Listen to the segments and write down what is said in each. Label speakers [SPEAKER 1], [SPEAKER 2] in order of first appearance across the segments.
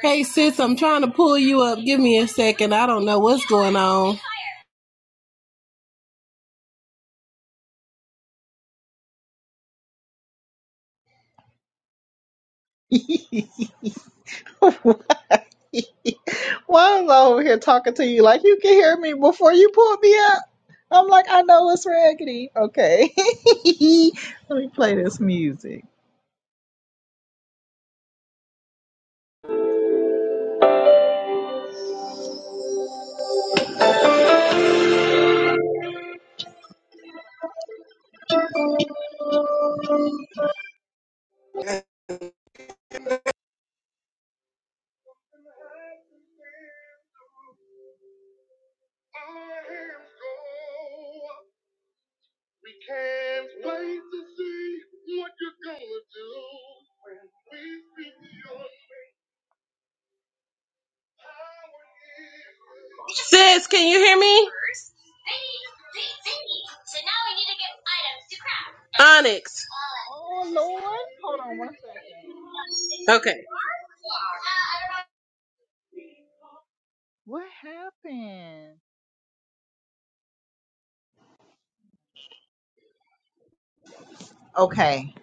[SPEAKER 1] Hey sis, I'm trying to pull you up. Give me a second. I don't know what's going on.
[SPEAKER 2] Why am I over here talking to you like you can hear me before you pull me up? I'm like, I know it's raggedy. Okay. Let me play this music.
[SPEAKER 1] Sis, can you hear me? Onyx.
[SPEAKER 2] Oh Lord, hold on one second.
[SPEAKER 1] Okay.
[SPEAKER 2] What happened? Okay.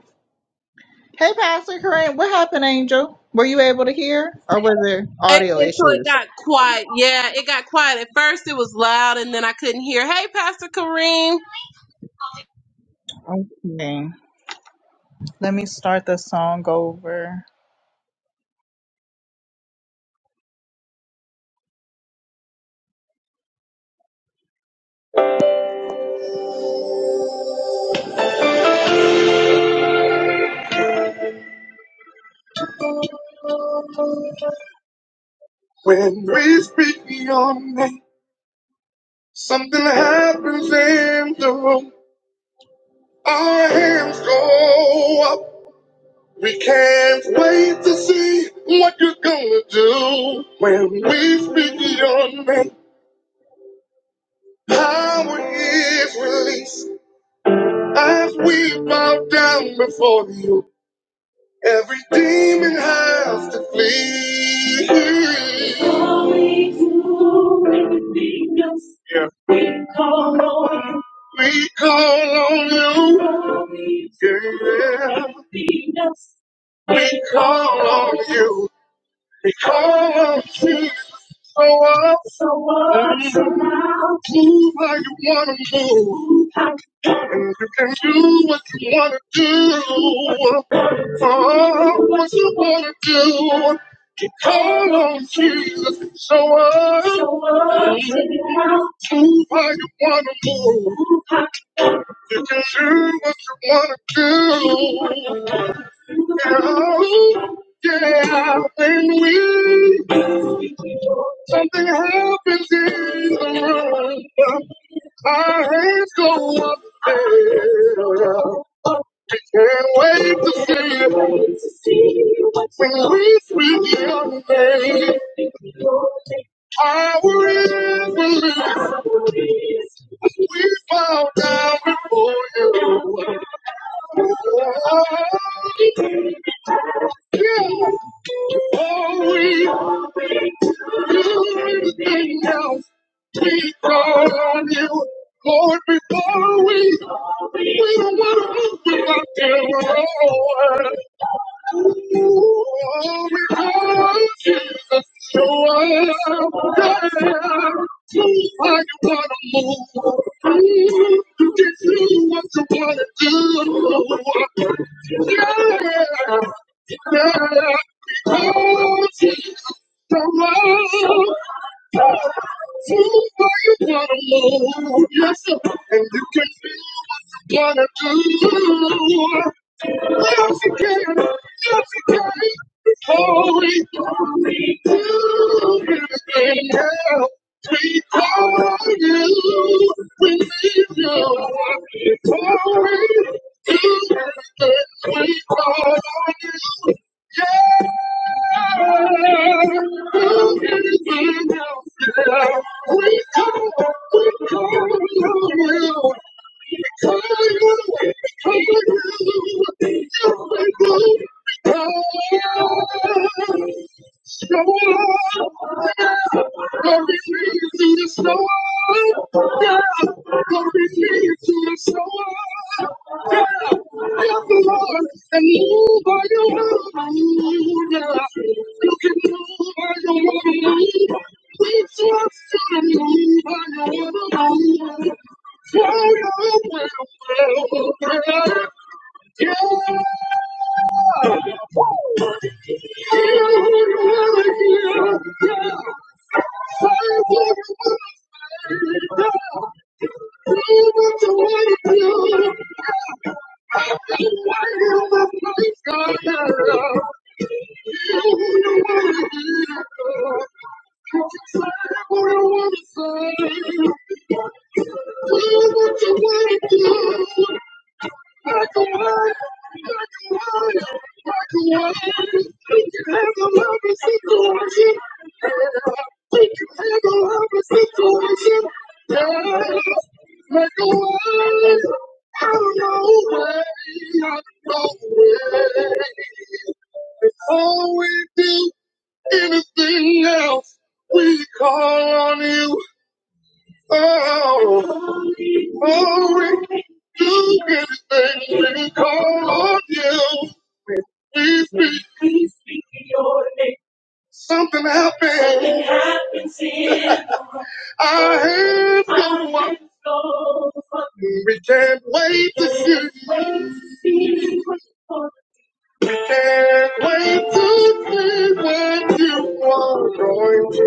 [SPEAKER 2] Hey, Pastor Corinne, what happened, Angel? Were you able to hear, or were there
[SPEAKER 1] It,
[SPEAKER 2] audio
[SPEAKER 1] it, so it
[SPEAKER 2] issues?
[SPEAKER 1] got quiet. Yeah, it got quiet. At first it was loud and then I couldn't hear. Hey, Pastor Kareem.
[SPEAKER 2] Okay. Let me start the song over. When we speak your name, something happens in Our hands go up. We can't wait to see what you're gonna do when we speak your name. Power is released as we bow down before you. Every demon has to flee. All We you can be us. Yeah. We call on you. We call on you. Only you Yeah. can be us. We call on you. Because you show up, show up. So mm, move how you want to move. And you can do what you want to do. Oh, what you want to do. Call on Jesus show up. show up. Mm, Baby, Move how you want to move. You can do what you wanna do. Oh, yeah, when we something happens in the room. Our hands go up there. Can't wait to see you. When we speak your name, power is released. We bow down before you. Oh, we do anything else. We call on you, Lord, before we we don't want to open without the Lord. Oh, we call on Jesus, show us there. I don't wanna move. you can do what you wanna do. Yeah, yeah. Because he's the one. Move where you wanna move. Yes, sir. and you can do what you wanna do. Yes, you can. Yes, you can. It's holy. Do everything. Yeah. We call on you, we need you. We call on you. We call on you. Yeah, who can be helped? We call, we call on you. We call you, we call you. You're the one we call. you. Yeah what you. wanna do. Before we do anything else, we call on you. Oh, glory, do anything when we call on you. We speak. We speak your name. Something happened. Something happens here. Our hands go up. We can't wait to see. We can't wait to see what you are going to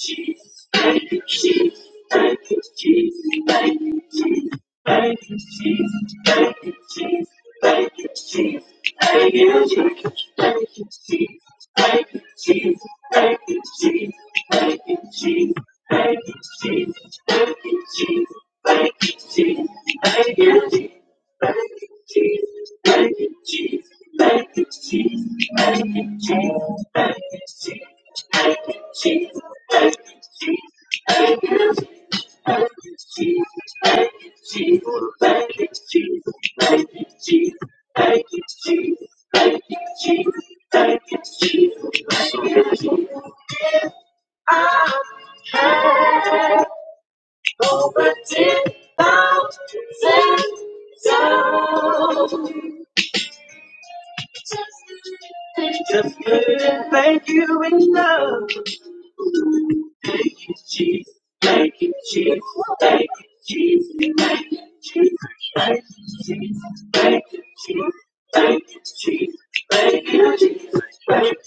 [SPEAKER 2] Cheese, thank cheese, Jesus, thank you, Jesus, Bacon cheese, bacon cheese, bacon cheese, bacon cheese, bacon cheese, bacon cheese, bacon cheese, bacon cheese, bacon cheese, bacon cheese, bacon cheese, bacon cheese, bacon cheese, bacon cheese, bacon cheese, bacon cheese, bacon cheese, bacon cheese, bacon cheese, bacon cheese. Thank you, Jesus. Thank you, Jesus. Thank you, Jesus. Thank you, Jesus. Thank you, Jesus. Thank you, Jesus. Thank you, Jesus. Thank you, Jesus. Over ten thousand times. Just couldn't make me Thank you, Jesus. Thank you, Jesus. Thank you, Jesus. Thank you, Jesus. Thank you, Jesus. Thank you, Jesus. Thank you, Jesus. Thank you, Jesus. Thank you,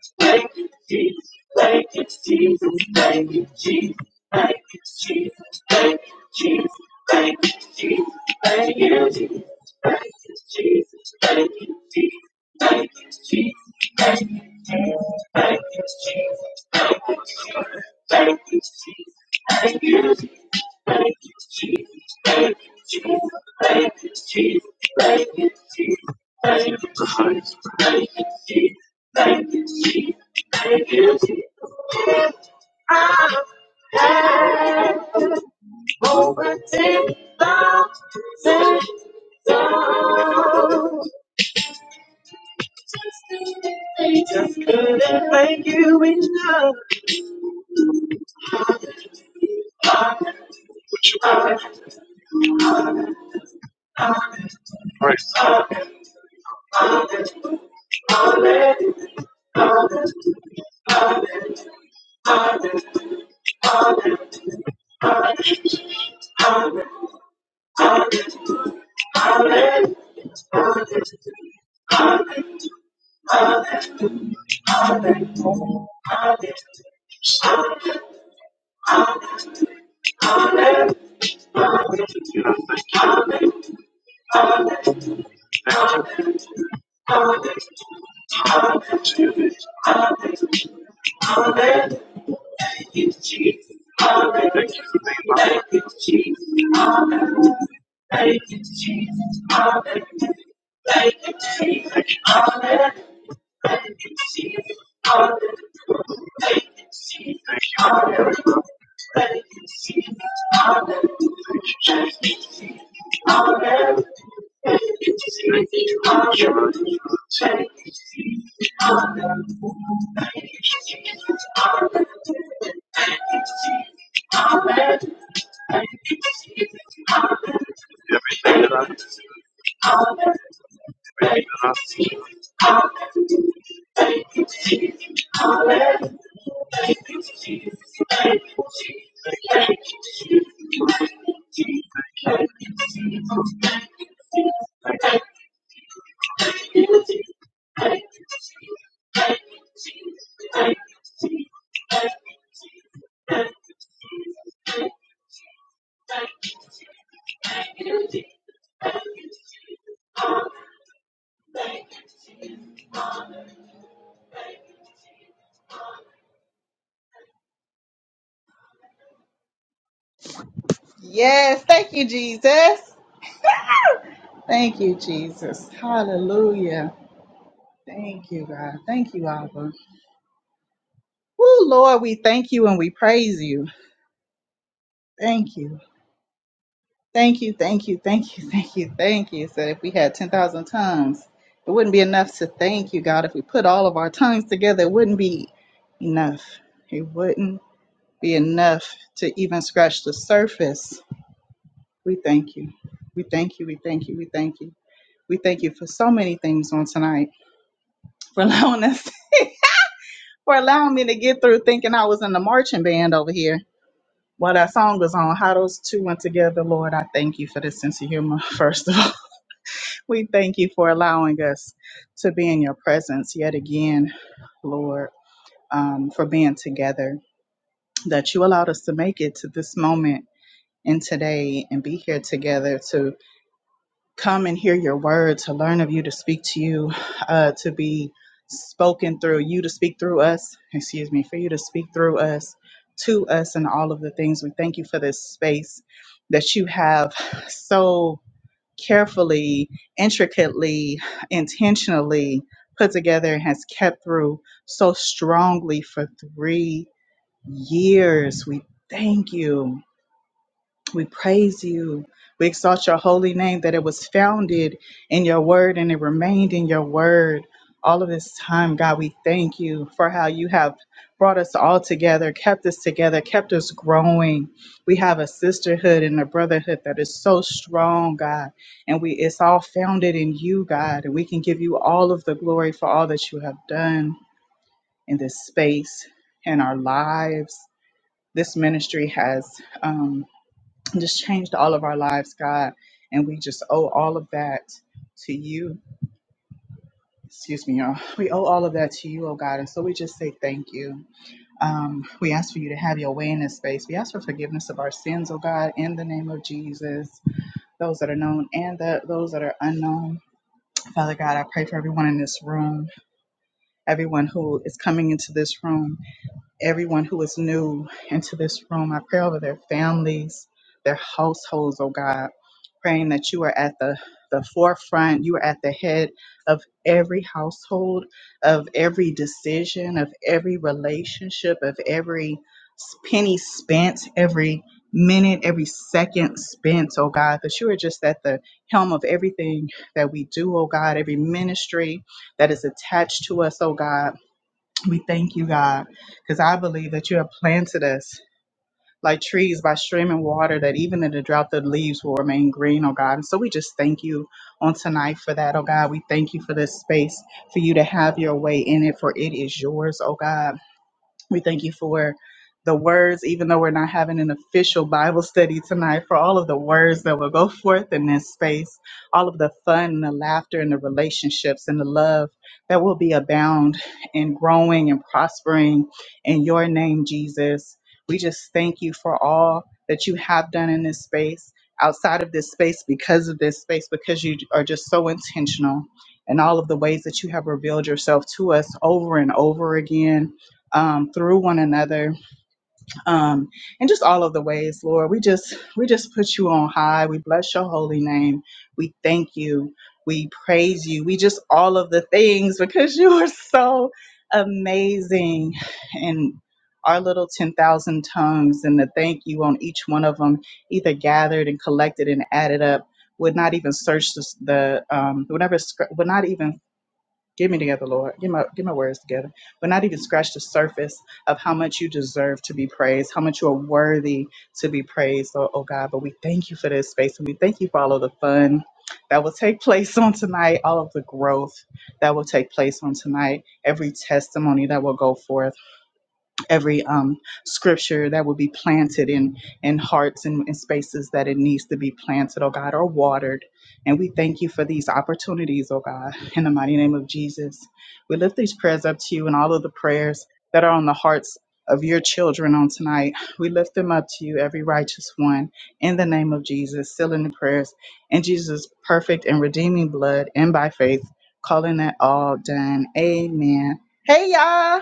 [SPEAKER 2] Jesus. Thank you, Jesus. Thank you, Jesus. Thank you, Jesus. Thank you, Jesus. Thank you, Jesus. Thank you, Jesus. Thank you, Jesus. Thank you, Jesus. Thank you, Jesus. Thank you, Jesus. Thank you, Jesus. Thank you, Jesus. Thank you, Jesus. Thank you, Jesus. Thank you, Jesus. Thank you, Jesus. Thank you, Jesus. Thank you, Jesus. Thank you, Jesus. Thank you, Jesus. I'm over ten thousand down. Jesus, good and faithful. Praise God, it's good and faithful. Hallelujah, hallelujah, hallelujah, hallelujah. Thank you, Jesus. Hallelujah. Thank you, Jesus. Hallelujah. Thank you, Jesus. Hallelujah. Thank you, Jesus. Hallelujah. Thank you, Jesus. Hallelujah. Thank you, Jesus. Hallelujah. Thank you, Jesus. Hallelujah. Thank you, Jesus. Hallelujah. Thank you, Jesus. Thank you, Jesus. Thank you, Jesus. Yes, thank you, Jesus. Thank you, Jesus. Hallelujah. Thank you, God. Thank you, Abba. Oh, Lord, we thank you and we praise you. Thank you. Thank you, thank you, thank you, thank you, thank you. So if we had 10,000 tongues, it wouldn't be enough to thank you, God. If we put all of our tongues together, it wouldn't be enough. It wouldn't be enough to even scratch the surface. We thank you. We thank you. We thank you. We thank you. We thank you for so many things on tonight, for allowing us, for allowing me to get through thinking I was in the marching band over here While that song was on, how those two went together, Lord, I thank you for this sense of humor, first of all. We thank you for allowing us to be in your presence yet again, Lord, um, for being together, that you allowed us to make it to this moment and today and be here together to come and hear your word, to learn of you, to speak to you, uh, to be spoken through you, to speak through us, excuse me, for you to speak through us, to us, and all of the things. We thank you for this space that you have so carefully, intricately, intentionally put together and has kept through so strongly for three years. We thank you. We praise you. We exalt your holy name that it was founded in your word and it remained in your word all of this time. God, we thank you for how you have brought us all together, kept us together, kept us growing. We have a sisterhood and a brotherhood that is so strong, God. And we it's all founded in you, God. And we can give you all of the glory for all that you have done in this space and our lives. This ministry has um, just changed all of our lives, God. And we just owe all of that to you. Excuse me, y'all. We owe all of that to you, oh God. And so we just say thank you. Um, we ask for you to have your way in this space. We ask for forgiveness of our sins, oh God, in the name of Jesus, those that are known and the, those that are unknown. Father God, I pray for everyone in this room, everyone who is coming into this room. everyone who is new into this room. I pray over their families, their households, oh God, praying that you are at the, the forefront, you are at the head of every household, of every decision, of every relationship, of every s- penny spent, every minute, every second spent, oh God, that you are just at the helm of everything that we do, oh God, every ministry that is attached to us, oh God. We thank you, God, because I believe that you have planted us like trees by streaming water, that even in the drought, the leaves will remain green, oh God. And so we just thank you on tonight for that, oh God. We thank you for this space, for you to have your way in it, for it is yours, oh God. We thank you for the words, even though we're not having an official Bible study tonight, for all of the words that will go forth in this space, all of the fun and the laughter and the relationships and the love that will be abound and growing and prospering in your name, Jesus. We just thank you for all that you have done in this space, outside of this space, because of this space, because you are just so intentional and all of the ways that you have revealed yourself to us over and over again um, through one another um, and just all of the ways lord we just we just put you on high we bless your holy name we thank you we praise you we just all of the things because you are so amazing and our little 10,000 tongues and the thank you on each one of them either gathered and collected and added up would not even search the, the um, would never scr- would not even Get me together, Lord. Get my get my words together. But not even scratch the surface of how much you deserve to be praised, how much you are worthy to be praised, oh, oh God. But we thank you for this space and we thank you for all of the fun that will take place on tonight, all of the growth that will take place on tonight, every testimony that will go forth every um, scripture that will be planted in in hearts and in spaces that it needs to be planted, oh God, or watered. And we thank you for these opportunities, oh God, in the mighty name of Jesus. We lift these prayers up to you and all of the prayers that are on the hearts of your children on tonight. We lift them up to you, every righteous one, in the name of Jesus, sealing the prayers in Jesus' perfect and redeeming blood and by faith, calling it all done. Amen. Hey, y'all.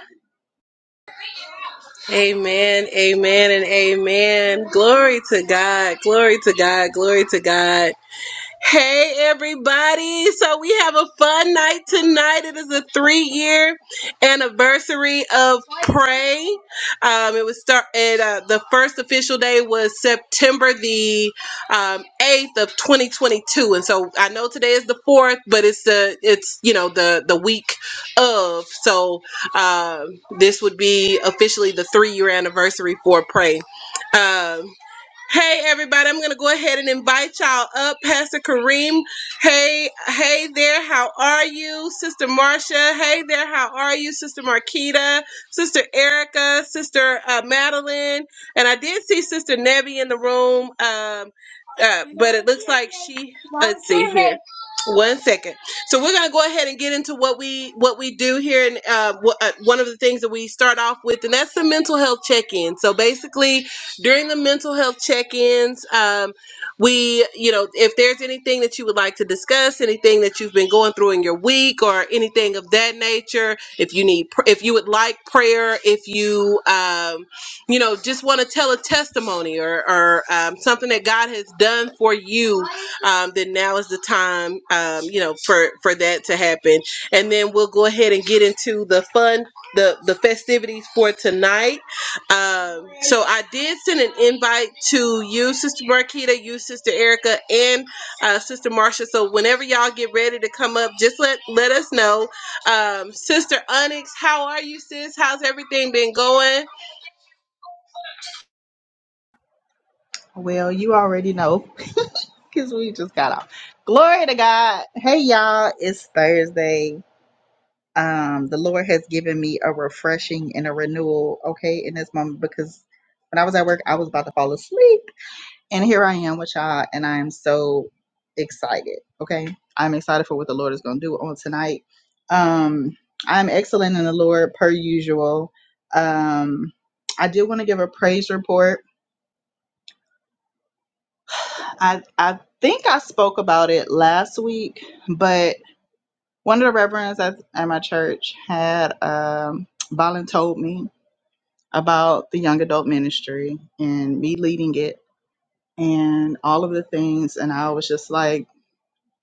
[SPEAKER 1] Amen, amen, and amen. Glory to God. Glory to God. Glory to God. Hey, everybody. So, we have a fun night tonight. It is a three year anniversary of Pray. Um, it was started. uh, the first official day was September the um, 8th of 2022. And so, I know today is the 4th, but it's the, it's, you know, the, the week of. So, um, this would be officially the three year anniversary for Pray. Um, Hey everybody, I'm gonna go ahead and invite y'all up. Pastor Kareem, hey, hey there, how are you? Sister Marcia, hey there, how are you? Sister Marquita, Sister Erica, Sister uh, Madeline, and I did see Sister Nebby in the room, um, uh, but it looks like she. Let's see here. One second. So we're gonna go ahead and get into what we what we do here, and uh, wh- uh, one of the things that we start off with, and that's the mental health check-in. So basically, during the mental health check-ins um, we you know if there's anything that you would like to discuss anything that you've been going through in your week or anything of that nature if you need pr- if you would like prayer if you um, you know just want to tell a testimony or, or um, something that god has done for you um, then now is the time um, you know for for that to happen and then we'll go ahead and get into the fun the the festivities for tonight um, so I did send an invite to you, Sister Marquita, you, Sister Erica, and uh, Sister Marsha. So whenever y'all get ready to come up, just let let us know. Um, Sister Onyx, how are you, sis? How's everything been going?
[SPEAKER 2] Well, you already know because we just got off. Glory to God. Hey, y'all. It's Thursday. Um, the Lord has given me a refreshing and a renewal, okay, in this moment because when I was at work, I was about to fall asleep. And here I am with y'all, and I am so excited, okay? I'm excited for what the Lord is going to do on tonight. Um, I'm excellent in the Lord per usual. Um, I do want to give a praise report I I think I spoke about it last week, but one of the reverends at, at my church had um Balin told me about the young adult ministry and me leading it and all of the things and I was just like,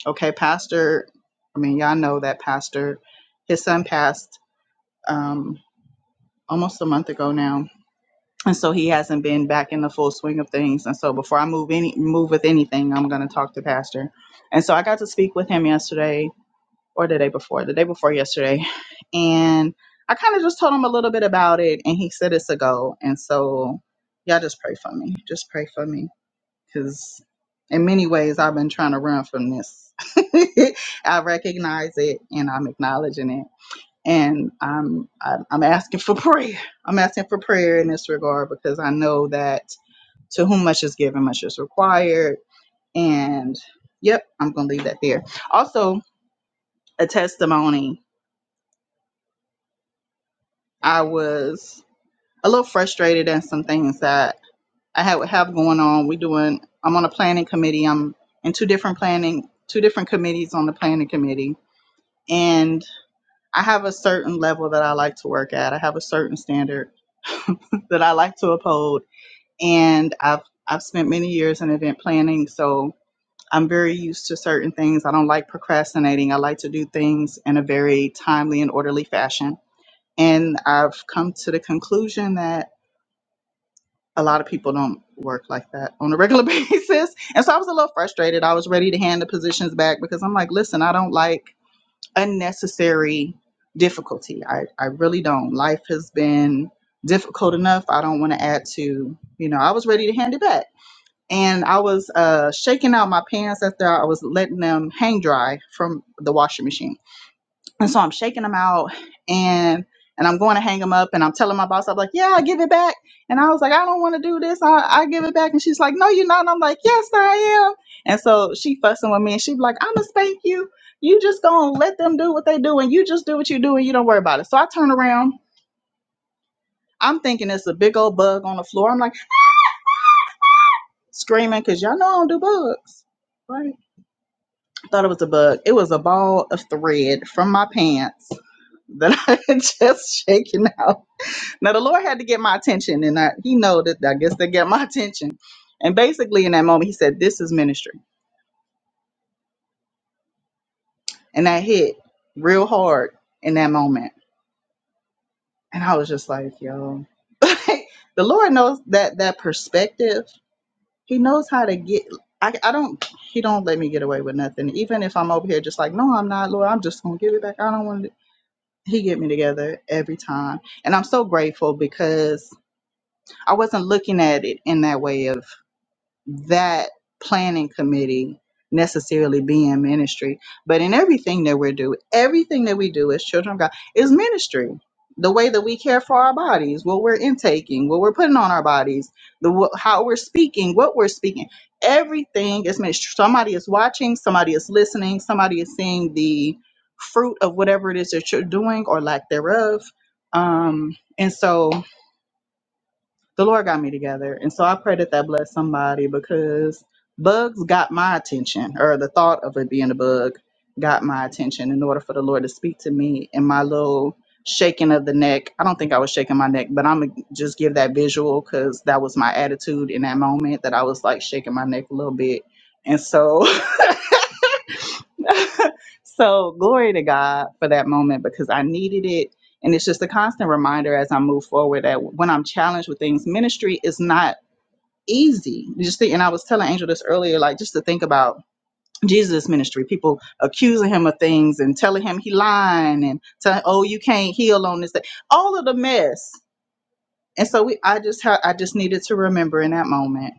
[SPEAKER 2] okay, pastor, I mean y'all know that pastor his son passed um almost a month ago now and so he hasn't been back in the full swing of things and so before i move any move with anything i'm going to talk to pastor and so i got to speak with him yesterday or the day before the day before yesterday and i kind of just told him a little bit about it and he said it's a go and so y'all just pray for me just pray for me because in many ways i've been trying to run from this i recognize it and i'm acknowledging it and I'm I'm I'm asking for prayer. I'm asking for prayer in this regard because I know that to whom much is given, much is required. And yep, I'm gonna leave that there. Also, a testimony. I was a little frustrated at some things that I have have going on. We doing. I'm on a planning committee. I'm in two different planning, two different committees on the planning committee, and I have a certain level that I like to work at. I have a certain standard that I like to uphold and I've I've spent many years in event planning, so I'm very used to certain things. I don't like procrastinating. I like to do things in a very timely and orderly fashion. And I've come to the conclusion that a lot of people don't work like that on a regular basis. And so I was a little frustrated. I was ready to hand the positions back because I'm like, listen, I don't like unnecessary difficulty. I, I really don't. Life has been difficult enough. I don't want to add to, you know, I was ready to hand it back and I was uh, shaking out my pants after I was letting them hang dry from the washing machine. And so I'm shaking them out and and I'm going to hang them up and I'm telling my boss, I'm like, yeah, I give it back. And I was like, I don't want to do this. I, I give it back. And she's like, no, you're not. And I'm like, yes, I am. And so she fussing with me and she's like, I'm going to spank you. You just going to let them do what they do and you just do what you do and you don't worry about it. So I turn around. I'm thinking it's a big old bug on the floor. I'm like screaming because y'all know I don't do bugs. Right thought it was a bug. It was a ball of thread from my pants that I had just shaken out. Now the Lord had to get my attention, and I, He know that I guess they got my attention. And basically, in that moment, He said, "This is ministry," and that hit real hard in that moment. And I was just like, "Yo, the Lord knows that that perspective. He knows how to get." I, I don't. He don't let me get away with nothing. Even if I'm over here, just like, no, I'm not, Lord. I'm just gonna give it back. I don't want to. he get me together every time and i'm so grateful because i wasn't looking at it in that way of that planning committee necessarily be in ministry, but in everything that we do, everything that we do as children of God is ministry. The way that we care for our bodies, what we're intaking, what we're putting on our bodies, the wh- how we're speaking, what we're speaking, everything is ministry. Somebody is watching, somebody is listening, somebody is seeing the fruit of whatever it is that you're doing or lack thereof. Um, and so the Lord got me together. And so I pray that that bless somebody because bugs got my attention, or the thought of it being a bug got my attention in order for the Lord to speak to me and my little shaking of the neck. I don't think I was shaking my neck, but I'm going to just give that visual because that was my attitude in that moment that I was like shaking my neck a little bit. And so, so glory to God for that moment because I needed it. And it's just a constant reminder as I move forward that when I'm challenged with things, ministry is not easy. You just think, and I was telling Angel this earlier, like just to think about Jesus' ministry, people accusing him of things and telling him he lying and telling, oh, you can't heal on this day, all of the mess. And so we, I just, ha- I just needed to remember in that moment,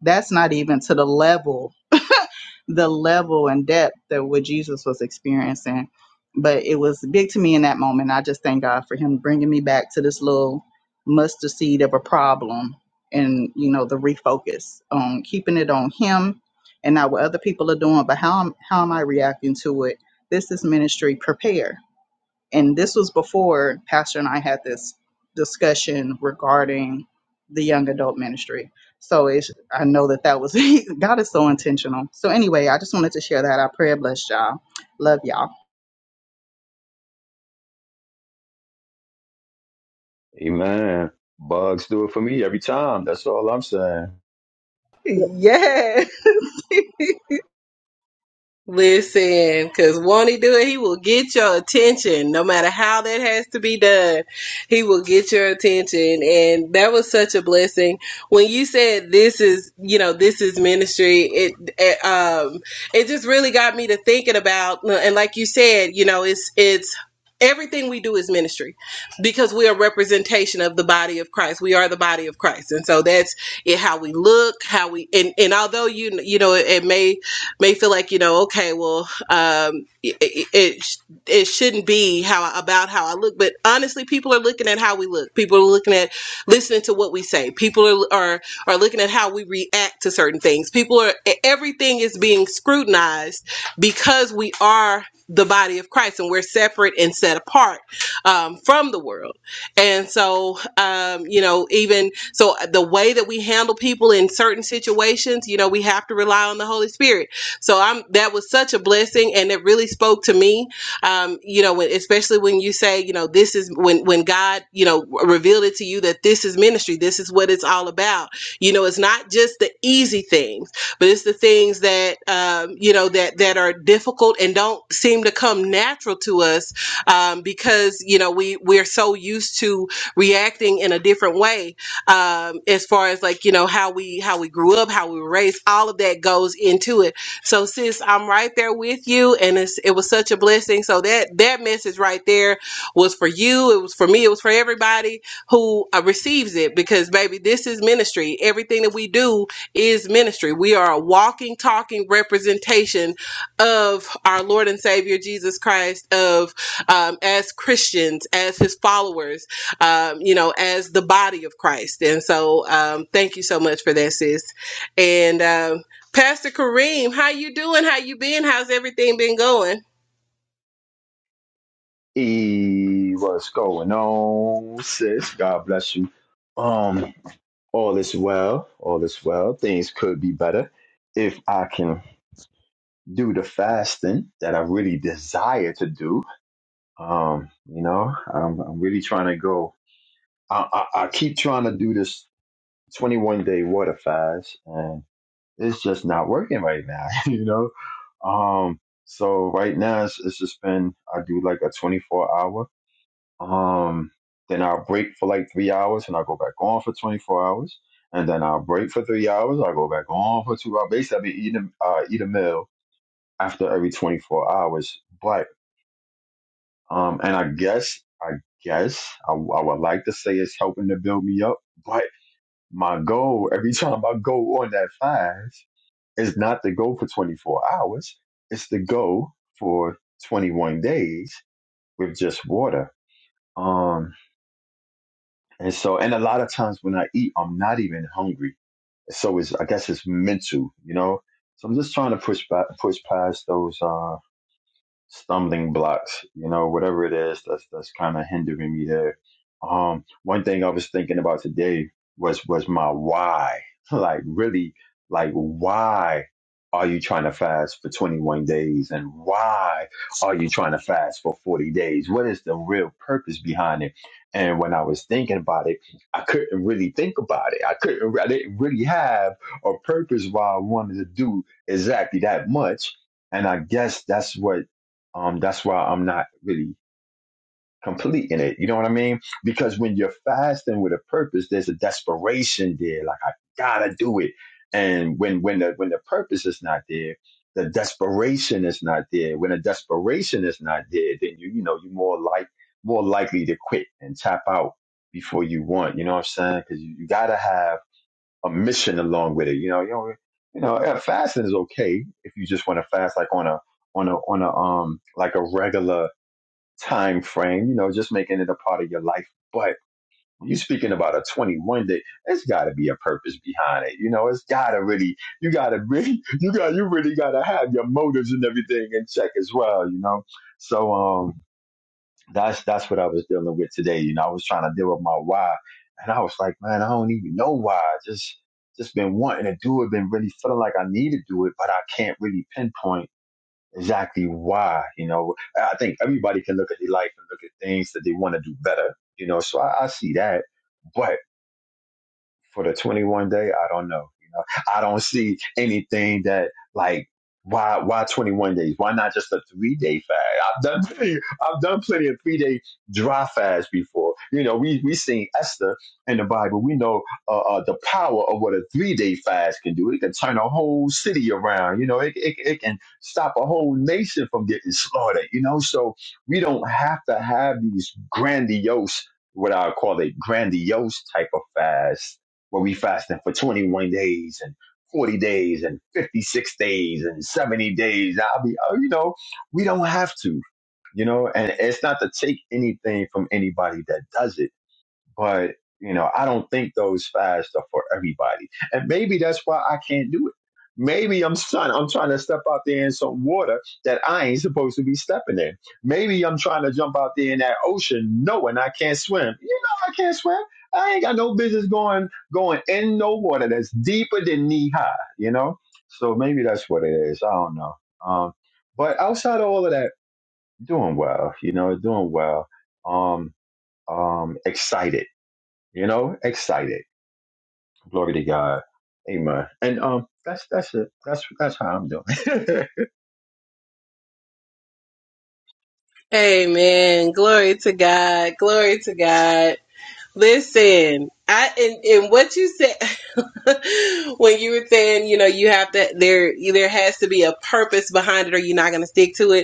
[SPEAKER 2] that's not even to the level the level and depth that what Jesus was experiencing. But it was big to me in that moment. I just thank God for Him bringing me back to this little mustard seed of a problem and, you know, the refocus on keeping it on Him and not what other people are doing, but how, am- how am I reacting to it? This is ministry. Prepare and this was before pastor and i had this discussion regarding the young adult ministry so it's, i know that that was god is so intentional so anyway i just wanted to share that i pray and bless y'all love y'all
[SPEAKER 3] Amen. Bugs do it for me every time. That's all I'm saying.
[SPEAKER 2] yeah
[SPEAKER 1] Listen, because won't he do it? He will get your attention, no matter how that has to be done. He will get your attention, and that was such a blessing. When you said this is, you know, this is ministry, it, it um, it just really got me to thinking about, and like you said, you know, it's it's. Everything we do is ministry because we are representation of the body of Christ. We are the body of Christ. And so that's it, how we look, how we, and, and although you, you know, it may may feel like you know okay well um it, it it shouldn't be how I, about how i look but honestly people are looking at how we look people are looking at listening to what we say people are are, are looking at how we react to certain things people are e- everything is being scrutinized because we are the body of christ and we're separate and set apart um, from the world and so um, you know even so uh, the way that we handle people in certain situations you know we have to rely on the holy spirit so I'm that was such a blessing, and it really spoke to me. Um, you know, when, especially when you say, you know, this is when when God, you know, revealed it to you that this is ministry. This is what it's all about. You know, it's not just the easy things, but it's the things that um, you know that that are difficult and don't seem to come natural to us um, because you know we we're so used to reacting in a different way um, as far as like you know how we how we grew up how we were raised all of that goes into it so sis, I'm right there with you and it's it was such a blessing. So that that message right there was for you, it was for me, it was for everybody who uh, receives it because baby, this is ministry. Everything that we do is ministry. We are a walking talking representation of our Lord and Savior Jesus Christ of um, as Christians, as his followers, um, you know, as the body of Christ. And so um, thank you so much for that sis. And um Pastor Kareem, how you doing? How you been? How's everything been going?
[SPEAKER 3] E, what's going on, sis? God bless you. Um, all is well. All is well. Things could be better if I can do the fasting that I really desire to do. Um, you know, I'm, I'm really trying to go. I, I, I keep trying to do this 21 day water fast, and it's just not working right now, you know? Um, so right now it's, it's just been, I do like a 24 hour, um, then I'll break for like three hours and I'll go back on for 24 hours. And then I'll break for three hours. I'll go back on for two hours. Basically, I'll be eating, uh, eat a meal after every 24 hours. But, um, and I guess, I guess I, I would like to say it's helping to build me up, but my goal every time I go on that fast is not to go for 24 hours. It's to go for 21 days with just water. Um, and so, and a lot of times when I eat, I'm not even hungry. So it's, I guess it's mental, you know? So I'm just trying to push back, push past those, Uh stumbling blocks, you know, whatever it is that's that's kind of hindering me there. Um, one thing I was thinking about today was was my why. Like really, like why are you trying to fast for 21 days and why are you trying to fast for 40 days? What is the real purpose behind it? And when I was thinking about it, I couldn't really think about it. I couldn't I didn't really have a purpose why I wanted to do exactly that much. And I guess that's what um, that's why I'm not really complete in it. You know what I mean? Because when you're fasting with a purpose, there's a desperation there. Like I gotta do it. And when when the when the purpose is not there, the desperation is not there. When the desperation is not there, then you you know you're more like more likely to quit and tap out before you want. You know what I'm saying? Because you, you gotta have a mission along with it. You know you know you know yeah, fasting is okay if you just want to fast like on a on a on a um like a regular time frame, you know, just making it a part of your life. But when you're speaking about a 21 day, it's got to be a purpose behind it. You know, it's got to really, you got to really, you got, you really got to have your motives and everything in check as well. You know, so um, that's that's what I was dealing with today. You know, I was trying to deal with my why, and I was like, man, I don't even know why. I Just just been wanting to do it, been really feeling like I need to do it, but I can't really pinpoint exactly why. You know, I think everybody can look at their life and look at things that they want to do better. You know, so I, I see that. but for the 21 day i don't know you know i don't see anything that like why why 21 days why not just a three day fast i've done plenty, i've done plenty of three day dry fasts before you know we we seen esther in the bible we know uh, uh, the power of what a three day fast can do it can turn a whole city around you know it, it, it can stop a whole nation from getting slaughtered you know so we don't have to have these grandiose what I call a grandiose type of fast where we fasting for 21 days and 40 days and 56 days and 70 days. I'll be, oh, you know, we don't have to, you know, and it's not to take anything from anybody that does it but you know, I don't think those fasts are for everybody, and maybe that's why I can't do it. Maybe I'm son. I'm trying to step out there in some water that I ain't supposed to be stepping in. Maybe I'm trying to jump out there in that ocean knowing I can't swim. You know I can't swim. I ain't got no business going going in no water that's deeper than knee high. You know, so maybe that's what it is. I don't know. Um, but outside of all of that, doing well. You know, doing well. Um, um, excited you know, excited. Glory to God. Amen. And um that's that's it. That's that's how I'm doing.
[SPEAKER 1] Amen. Glory to God. Glory to God. Listen, I and, and what you said when you were saying, you know, you have to there there has to be a purpose behind it or you're not gonna stick to it.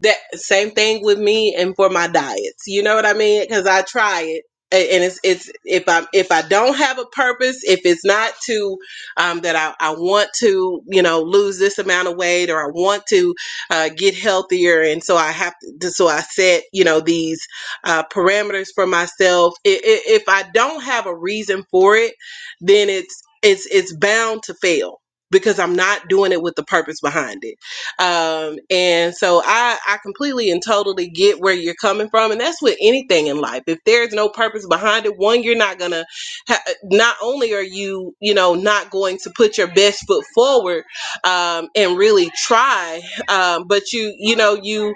[SPEAKER 1] that same thing with me and for my diets you know what i mean because i try it a- and it's it's if i if i don't have a purpose if it's not to um, that I, I want to you know lose this amount of weight or i want to uh, get healthier and so i have to so i set you know these uh, parameters for myself I- i- if i don't have a reason for it then it's it's it's bound to fail because i'm not doing it with the purpose behind it um and so i i completely and totally get where you're coming from and that's with anything in life if there's no purpose behind it one you're not gonna ha- not only are you you know not going to put your best foot forward um and really try um but you you know you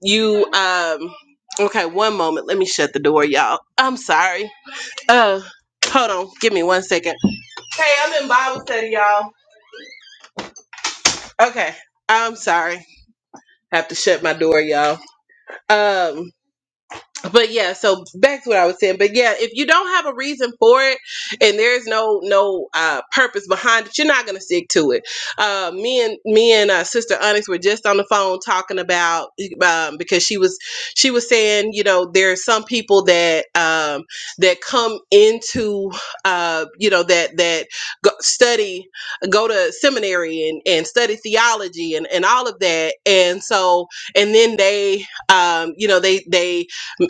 [SPEAKER 1] you um okay one moment let me shut the door y'all i'm sorry uh hold on give me one second hey i'm in bible study y'all okay i'm sorry I have to shut my door y'all Um, but yeah so back to what i was saying but yeah if you don't have a reason for it and there's no no uh purpose behind it you're not gonna stick to it uh me and me and uh, sister onyx were just on the phone talking about um because she was she was saying you know there are some people that um that come into uh you know that that go, study go to seminary and and study theology and and all of that and so and then they um you know they they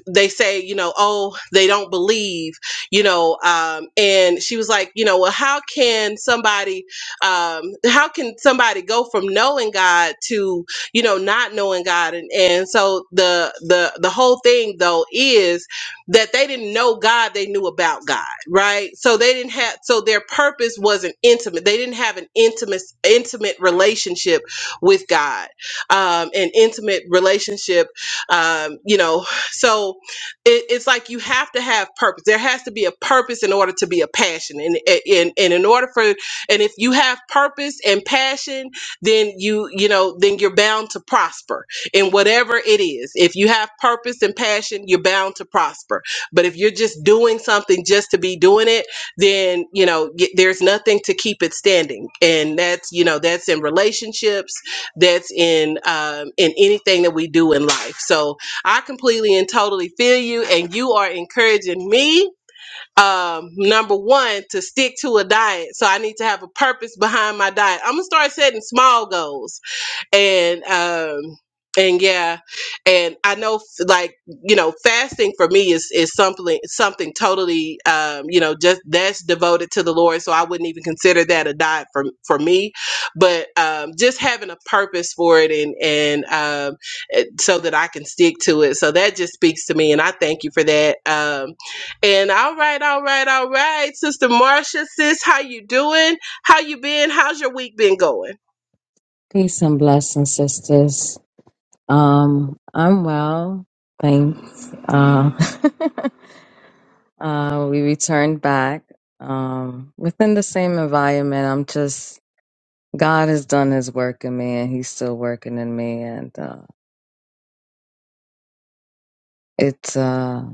[SPEAKER 1] they say, you know, oh, they don't believe, you know. Um, and she was like, you know, well, how can somebody, um, how can somebody go from knowing God to, you know, not knowing God? And and so the the the whole thing though is that they didn't know God, they knew about God, right? So they didn't have, so their purpose wasn't intimate. They didn't have an intimate intimate relationship with God, um, an intimate relationship um, you know, so it, it's like you have to have purpose. There has to be a purpose in order to be a passion, and and and in order for and if you have purpose and passion, then you you know then you're bound to prosper in whatever it is. If you have purpose and passion, you're bound to prosper. But if you're just doing something just to be doing it, then you know y- there's nothing to keep it standing, and that's you know that's in relationships, that's in um, in anything that we do in life. So I completely and totally feel you, and you are encouraging me. Um, number one, to stick to a diet. So I need to have a purpose behind my diet. I'm gonna start setting small goals and um and yeah and i know f- like you know fasting for me is is something something totally um you know just that's devoted to the lord so i wouldn't even consider that a diet for for me but um just having a purpose for it and and um it- so that i can stick to it so that just speaks to me and i thank you for that um and all right all right all right sister marcia sis how you doing how you been how's your week been going
[SPEAKER 4] Peace and blessings, sisters. Um, I'm well, thanks. Uh, uh, we returned back um, within the same environment. I'm just God has done His work in me, and He's still working in me, and uh, it's uh,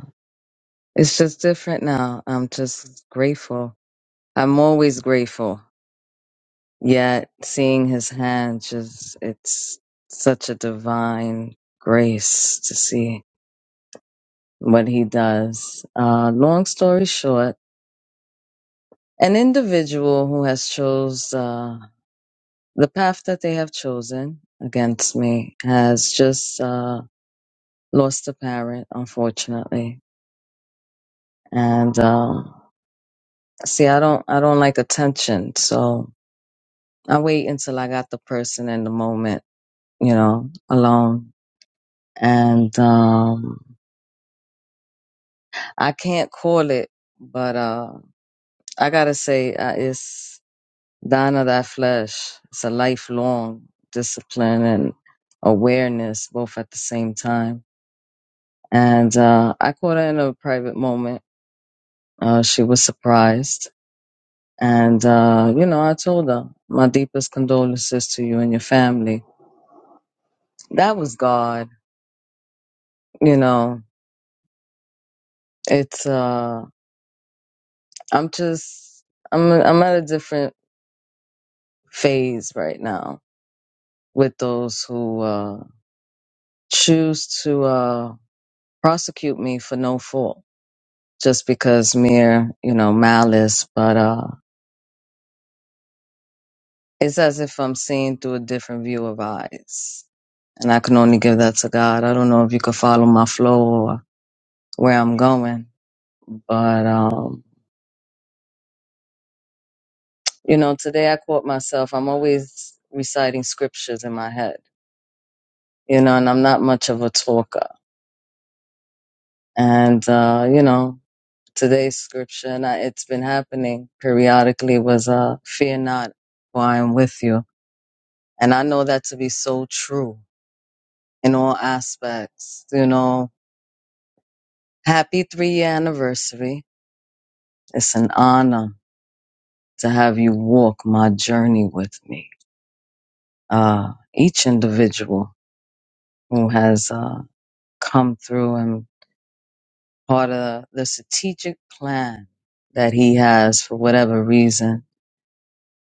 [SPEAKER 4] it's just different now. I'm just grateful. I'm always grateful. Yet seeing His hand, just it's such a divine grace to see. what he does. Uh, long story short, an individual who has chose uh, the path that they have chosen against me has just uh, lost a parent, unfortunately. And um, see, I don't, I don't like attention, so I wait until I got the person in the moment, you know, alone. And um, I can't call it, but uh, I gotta say, uh, it's Dying of that flesh. It's a lifelong discipline and awareness both at the same time. And uh, I caught her in a private moment. Uh, she was surprised. And, uh, you know, I told her, my deepest condolences to you and your family. That was God. You know, it's, uh, I'm just, I'm, I'm at a different phase right now with those who uh, choose to uh, prosecute me for no fault just because mere, you know, malice, but uh it's as if I'm seeing through a different view of eyes. And I can only give that to God. I don't know if you could follow my flow or where I'm going. But um, you know, today I quote myself, I'm always reciting scriptures in my head, you know, and I'm not much of a talker. And uh, you know, today's scripture and I, it's been happening periodically was uh fear not for I am with you. And I know that to be so true in all aspects. You know, happy three year anniversary. It's an honor to have you walk my journey with me. Uh, each individual who has uh, come through and part of the strategic plan that he has for whatever reason,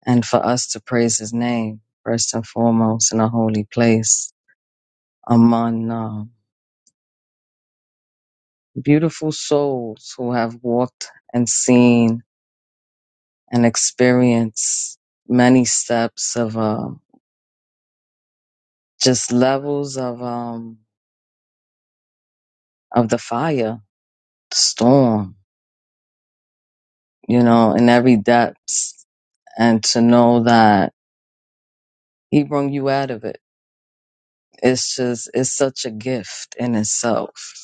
[SPEAKER 4] and for us to praise his name first and foremost in a holy place among uh, beautiful souls who have walked and seen and experience many steps of um, just levels of um, of the fire, the storm, you know, in every depths, and to know that He brought you out of it. It's just it's such a gift in itself.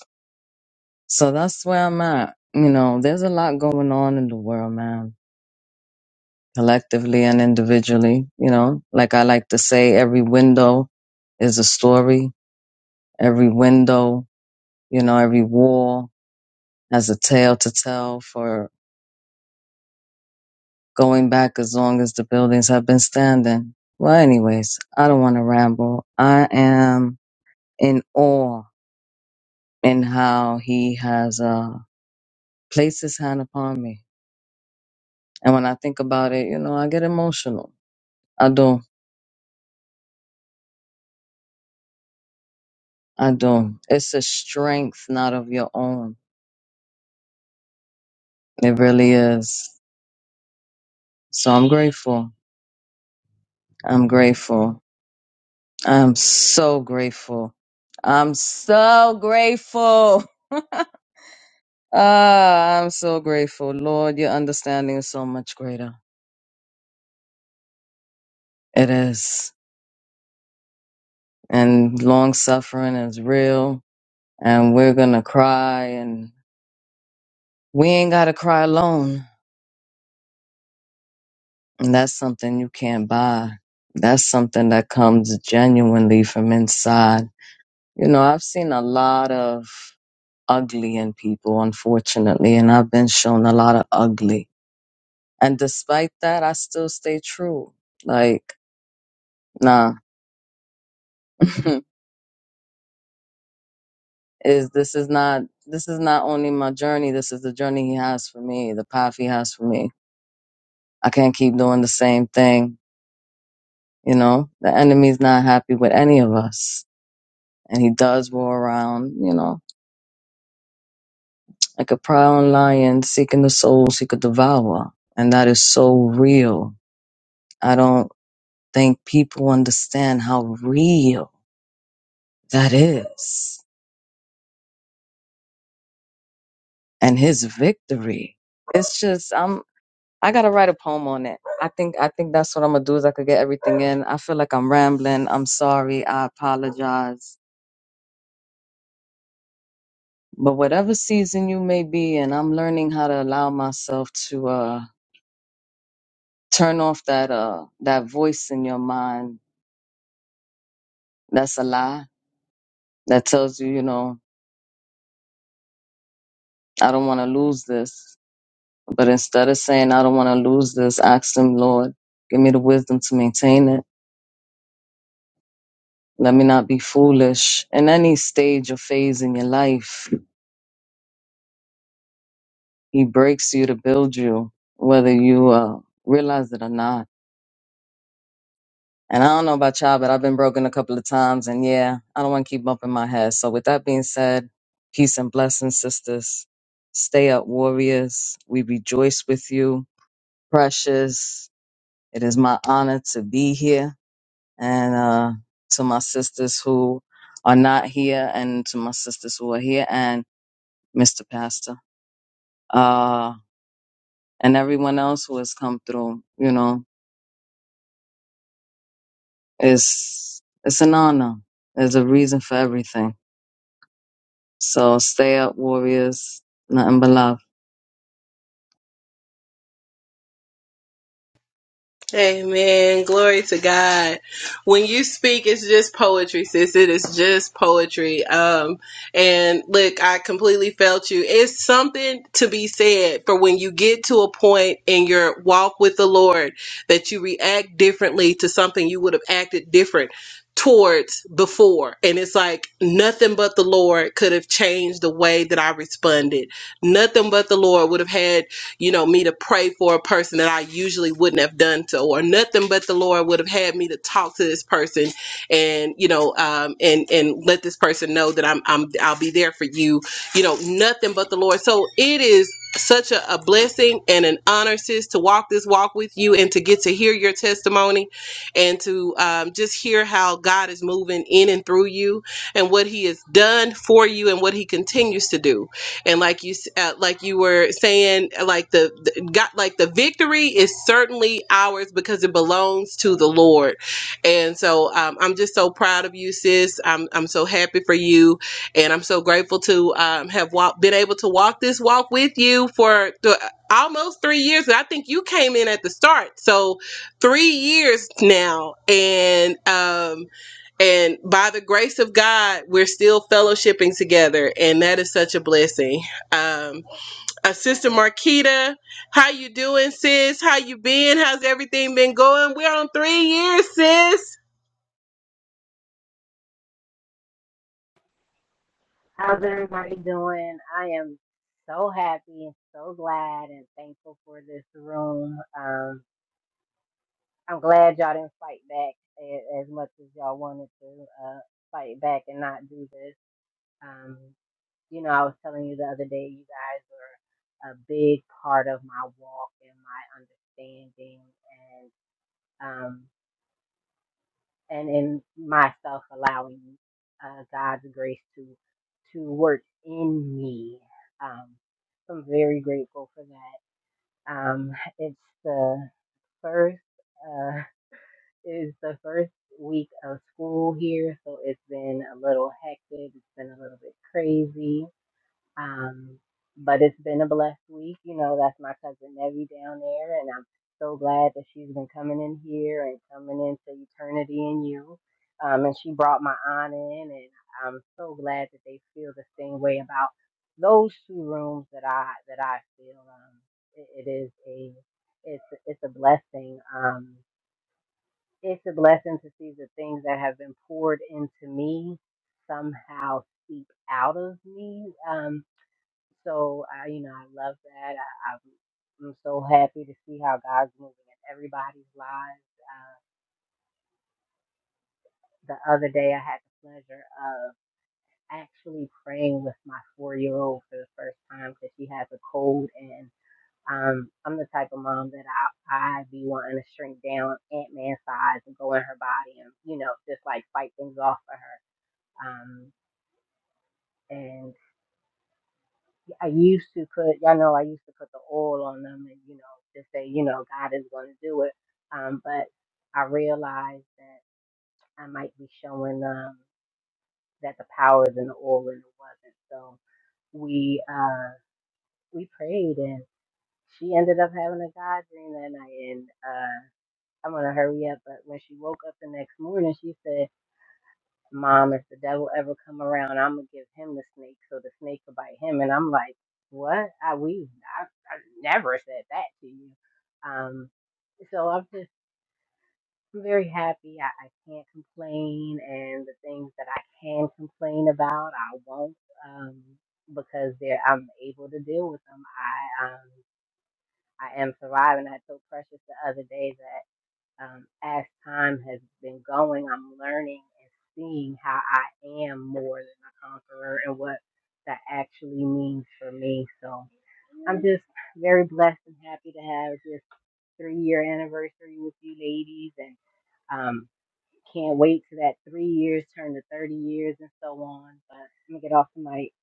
[SPEAKER 4] So that's where I'm at. You know, there's a lot going on in the world, man, collectively and individually. You know, like I like to say, every window is a story. Every window, you know, every wall as a tale to tell for going back as long as the buildings have been standing. Well, anyways, I don't want to ramble. I am in awe in how he has uh, placed his hand upon me. And when I think about it, you know, I get emotional. I do. I do. It's a strength not of your own. It really is. So I'm grateful. I'm grateful. I'm so grateful. I'm so grateful. Ah, I'm so grateful. Lord, your understanding is so much greater. It is. And long suffering is real. And we're going to cry. And we ain't got to cry alone. And that's something you can't buy. That's something that comes genuinely from inside. You know, I've seen a lot of ugly in people, unfortunately. And I've been shown a lot of ugly. And despite that, I still stay true. Like, nah. is this is not this is not only my journey this is the journey he has for me the path he has for me i can't keep doing the same thing you know the enemy's not happy with any of us and he does roar around you know like a prowling lion seeking the souls he could devour and that is so real i don't think people understand how real that is and his victory it's just I'm. I gotta write a poem on it. I think I think that's what I'm gonna do is I could get everything in. I feel like I'm rambling. I'm sorry. I apologize. But whatever season you may be in, I'm learning how to allow myself to uh turn off that uh that voice in your mind that's a lie that tells you, you know, I don't wanna lose this. But instead of saying I don't wanna lose this, ask them, Lord, give me the wisdom to maintain it. Let me not be foolish in any stage or phase in your life He breaks you to build you, whether you uh, realize it or not. And I don't know about y'all, but I've been broken a couple of times. And yeah, I don't want to keep bumping my head. So, with that being said, peace and blessings, sisters. Stay up, warriors. We rejoice with you. Precious. It is my honor to be here. And uh, to my sisters who are not here, and to my sisters who are here, and Mr. Pastor. Uh, and everyone else who has come through. You know, It's it's an honor. There's a reason for everything. So stay up, warriors. Nothing but love.
[SPEAKER 1] Amen. Glory to God. When you speak, it's just poetry, sis. It is just poetry. Um, and look, I completely felt you. It's something to be said for when you get to a point in your walk with the Lord that you react differently to something you would have acted different towards before. And it's like nothing but the Lord could have changed the way that I responded. Nothing but the Lord would have had you know, me to pray for a person that I usually wouldn't have done so, or nothing but the Lord would have had me to talk to this person, and you know, um, and and let this person know that I'm I'm I'll be there for you, you know, nothing but the Lord. So it is such a, a blessing and an honor, sis, to walk this walk with you and to get to hear your testimony and to um, just hear how God is moving in and through you and what He has done for you and what He continues to do and like you s- uh, like you were saying like the, the got like the victory is certainly ours because it belongs to the lord and so um, i'm just so proud of you sis i'm, I'm so happy for you and i'm so grateful to um, have walk, been able to walk this walk with you for th- almost three years and i think you came in at the start so three years now and um and by the grace of God, we're still fellowshipping together, and that is such a blessing. Um, uh, Sister Marquita, how you doing, sis? How you been? How's everything been going? We're on three years, sis.
[SPEAKER 5] How's everybody doing? I am so happy and so glad and thankful for this room. Um, I'm glad y'all didn't fight back a- as much as y'all wanted to uh, fight back and not do this. Um, you know, I was telling you the other day, you guys were a big part of my walk and my understanding. and in myself allowing uh, God's grace to to work in me. Um, I'm very grateful for that. Um, it's the first uh, it's the first week of school here, so it's been a little hectic. It's been a little bit crazy um, but it's been a blessed week. You know, that's my cousin Nevi down there, and I'm so glad that she's been coming in here and coming into eternity in you. Um, and she brought my aunt in, and I'm so glad that they feel the same way about those two rooms that I that I feel. Um, it, it is a it's it's a blessing. Um, it's a blessing to see the things that have been poured into me somehow seep out of me. Um, so I, you know, I love that. I, I'm I'm so happy to see how God's moving in everybody's lives. Uh, the other day, I had the pleasure of actually praying with my four-year-old for the first time because she has a cold, and um, I'm the type of mom that I I be wanting to shrink down Ant Man size and go in her body and you know just like fight things off for her. Um, and I used to put, y'all know, I used to put the oil on them and, you know, just say, you know, God is going to do it. Um, but I realized that I might be showing um, that the power is in the oil and it wasn't. So we uh, we prayed and she ended up having a God dream that night. And uh, I'm going to hurry up. But when she woke up the next morning, she said, Mom, if the devil ever come around, I'm gonna give him the snake so the snake will bite him. And I'm like, what? I we I, I never said that to you. Um, so I'm just I'm very happy. I, I can't complain, and the things that I can complain about, I won't, um, because they're I'm able to deal with them. I um I am surviving. I told Precious the other day um, as time has been going, I'm learning and seeing how I am more than a conqueror and what that actually means for me. So I'm just very blessed and happy to have this three year anniversary with you ladies and um, can't wait to that three years turn to 30 years and so on. But I'm going to get off the mic.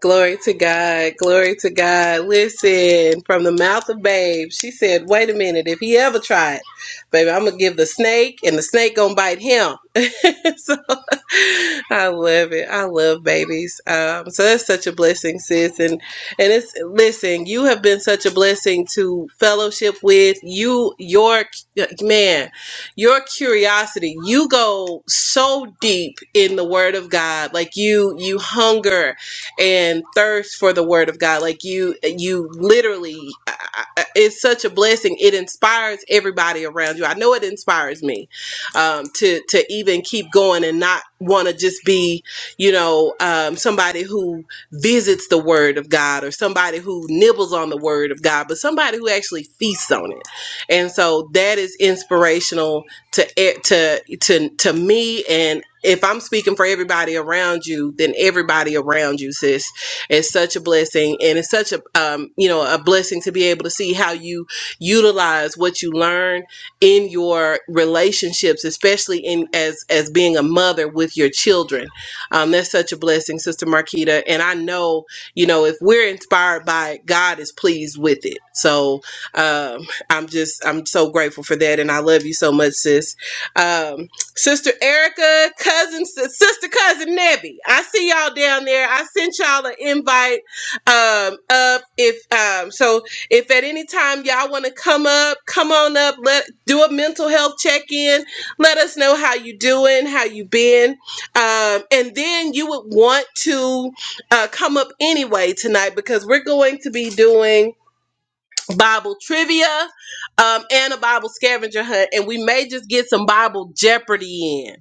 [SPEAKER 1] Glory to God. Glory to God. Listen, from the mouth of babe, she said, wait a minute, if he ever tried, baby, I'm gonna give the snake and the snake gonna bite him. so I love it. I love babies. Um, so that's such a blessing, sis. And and it's listen, you have been such a blessing to fellowship with you, your man, your curiosity. You go so deep in the word of God. Like you you hunger and thirst for the word of god like you you literally I- I- it's such a blessing it inspires everybody around you i know it inspires me um, to to even keep going and not want to just be you know um, somebody who visits the word of god or somebody who nibbles on the word of god but somebody who actually feasts on it and so that is inspirational to e- to to to me and if I'm speaking for everybody around you, then everybody around you, sis, is such a blessing, and it's such a um, you know a blessing to be able to see how you utilize what you learn in your relationships, especially in as as being a mother with your children. Um, that's such a blessing, Sister Marquita, and I know you know if we're inspired by it, God is pleased with it. So um. I'm just I'm so grateful for that, and I love you so much, sis. Um, sister Erica, cousin, si-, sister cousin Nebby. I see y'all down there. I sent y'all an invite um, up. If um, so, if at any time y'all want to come up, come on up. Let do a mental health check in. Let us know how you doing, how you been, um, and then you would want to uh, come up anyway tonight because we're going to be doing. Bible trivia, um, and a Bible scavenger hunt, and we may just get some Bible Jeopardy in.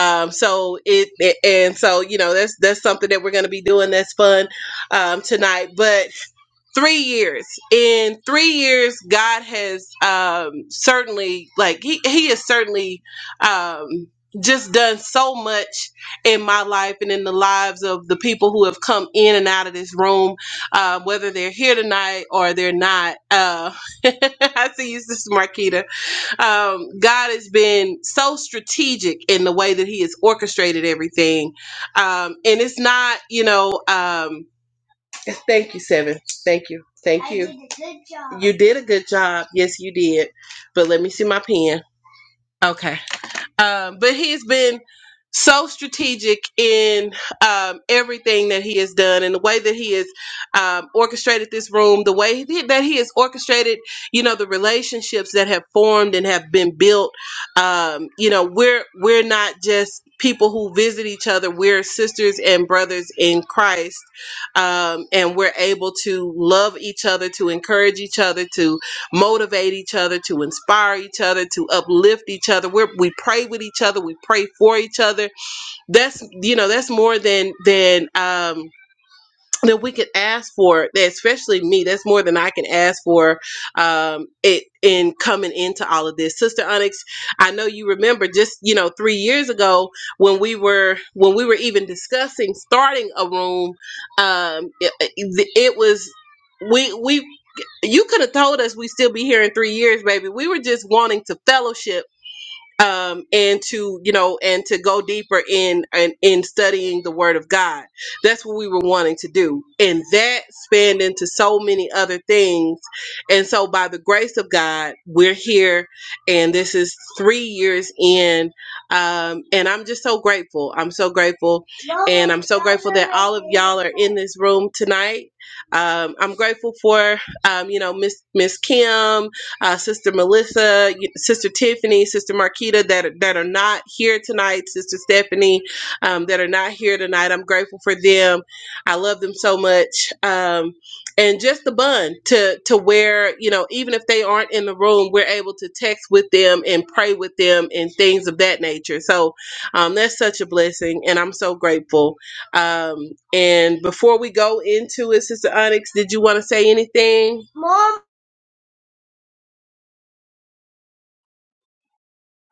[SPEAKER 1] Um, so it, it- and so you know that's that's something that we're going to be doing that's fun um, tonight. But three years in three years god has um certainly like he, he has certainly um just done so much in my life and in the lives of the people who have come in and out of this room uh, whether they're here tonight or they're not uh, i see you sister marquita um, god has been so strategic in the way that he has orchestrated everything um, and it's not you know um, Thank you, Seven. Thank you. Thank I you. Did a good job. You did a good job. Yes, you did. But let me see my pen. Okay. Um, but he's been so strategic in um, everything that he has done and the way that he has um, orchestrated this room, the way he- that he has orchestrated, you know, the relationships that have formed and have been built. Um, you know, we're we're not just people who visit each other. We're sisters and brothers in Christ, um, and we're able to love each other, to encourage each other, to motivate each other, to inspire each other, to uplift each other. We're, we pray with each other. We pray for each other. That's you know that's more than than um, that we could ask for that especially me that's more than i can ask for um it in coming into all of this sister onyx i know you remember just you know three years ago when we were when we were even discussing starting a room um it, it it was we we you could have told us we'd still be here in three years baby we were just wanting to fellowship um, and to you know and to go deeper in, in in studying the word of god that's what we were wanting to do and that spanned into so many other things and so by the grace of god we're here and this is three years in um, and i'm just so grateful i'm so grateful and i'm so grateful that all of y'all are in this room tonight um, i'm grateful for um, you know miss miss kim uh, Sister Melissa, Sister Tiffany, Sister Marquita that that are not here tonight, Sister Stephanie um, that are not here tonight. I'm grateful for them. I love them so much. Um, and just the bun to to where you know even if they aren't in the room, we're able to text with them and pray with them and things of that nature. So um, that's such a blessing, and I'm so grateful. Um, and before we go into it, Sister Onyx, did you want to say anything?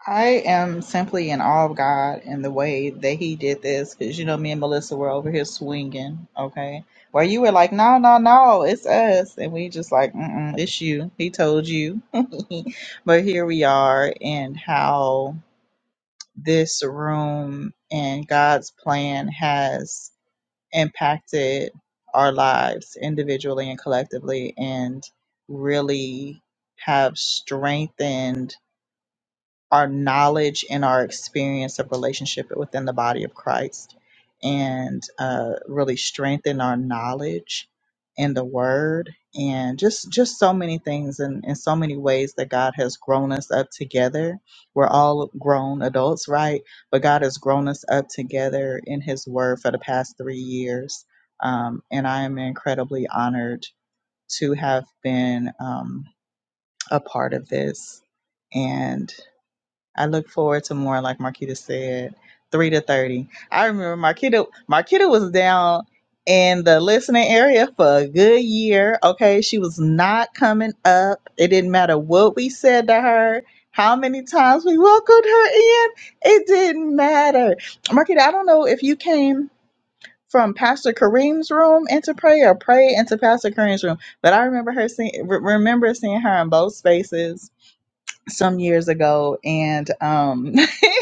[SPEAKER 2] i am simply in awe of god and the way that he did this because you know me and melissa were over here swinging okay where you were like no no no it's us and we just like Mm-mm, it's you he told you but here we are and how this room and God's plan has impacted our lives individually and collectively and really have strengthened our knowledge and our experience of relationship within the body of Christ and uh, really strengthen our knowledge in the word and just just so many things and in so many ways that God has grown us up together. We're all grown adults, right? But God has grown us up together in his word for the past three years. Um, and I am incredibly honored to have been um, a part of this. And I look forward to more, like Marquita said, three to thirty. I remember Marquita. Marquita was down in the listening area for a good year. Okay, she was not coming up. It didn't matter what we said to her, how many times we welcomed her in. It didn't matter. Marquita, I don't know if you came from Pastor Kareem's room into prayer or pray into Pastor Kareem's room, but I remember her seeing, re- remember seeing her in both spaces some years ago and um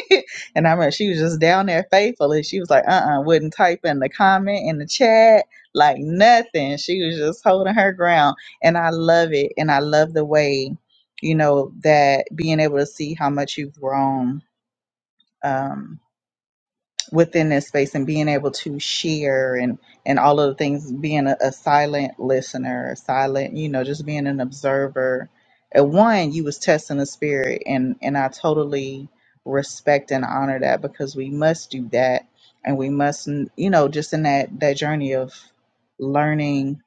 [SPEAKER 2] and I remember she was just down there faithfully. She was like, uh uh, wouldn't type in the comment in the chat, like nothing. She was just holding her ground. And I love it. And I love the way, you know, that being able to see how much you've grown. Um within that space and being able to share and and all of the things being a, a silent listener a silent you know just being an observer at one you was testing the spirit and and i totally respect and honor that because we must do that and we must you know just in that that journey of learning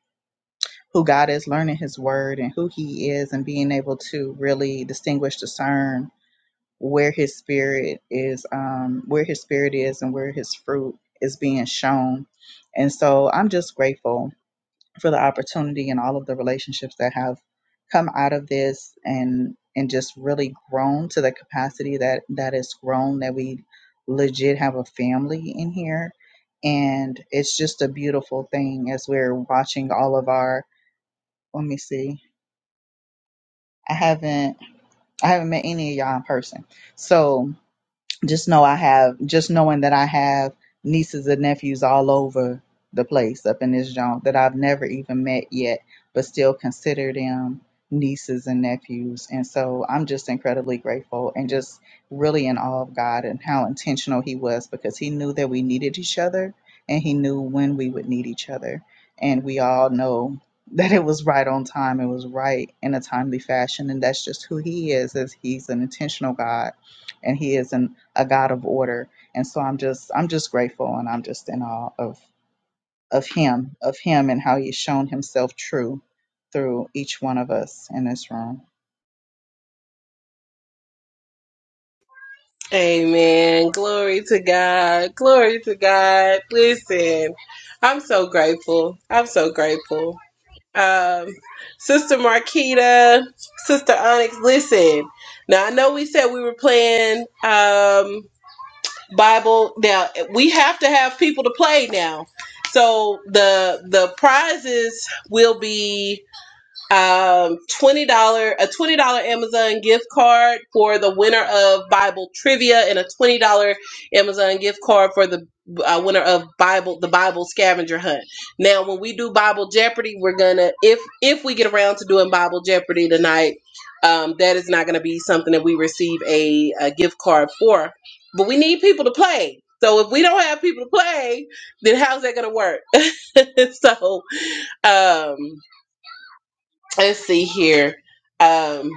[SPEAKER 2] who god is learning his word and who he is and being able to really distinguish discern where his spirit is um where his spirit is and where his fruit is being shown and so i'm just grateful for the opportunity and all of the relationships that have come out of this and and just really grown to the capacity that that it's grown that we legit have a family in here and it's just a beautiful thing as we're watching all of our let me see i haven't i haven't met any of y'all in person so Just know I have, just knowing that I have nieces and nephews all over the place up in this joint that I've never even met yet, but still consider them nieces and nephews. And so I'm just incredibly grateful and just really in awe of God and how intentional He was because He knew that we needed each other and He knew when we would need each other. And we all know that it was right on time, it was right in a timely fashion. And that's just who He is, is He's an intentional God and He is an a God of order. And so I'm just I'm just grateful and I'm just in awe of of him, of him and how he's shown himself true through each one of us in this room.
[SPEAKER 1] Amen. Glory to God. Glory to God. Listen, I'm so grateful. I'm so grateful. Um, Sister Marquita, Sister Onyx, listen. Now I know we said we were playing um Bible. Now we have to have people to play now. So the the prizes will be um twenty dollar a twenty dollar Amazon gift card for the winner of Bible trivia and a twenty dollar Amazon gift card for the uh, winner of Bible the Bible scavenger hunt. Now, when we do Bible Jeopardy, we're gonna if if we get around to doing Bible Jeopardy tonight, um, that is not gonna be something that we receive a, a gift card for. But we need people to play. So if we don't have people to play, then how's that gonna work? so um Let's see here. Um,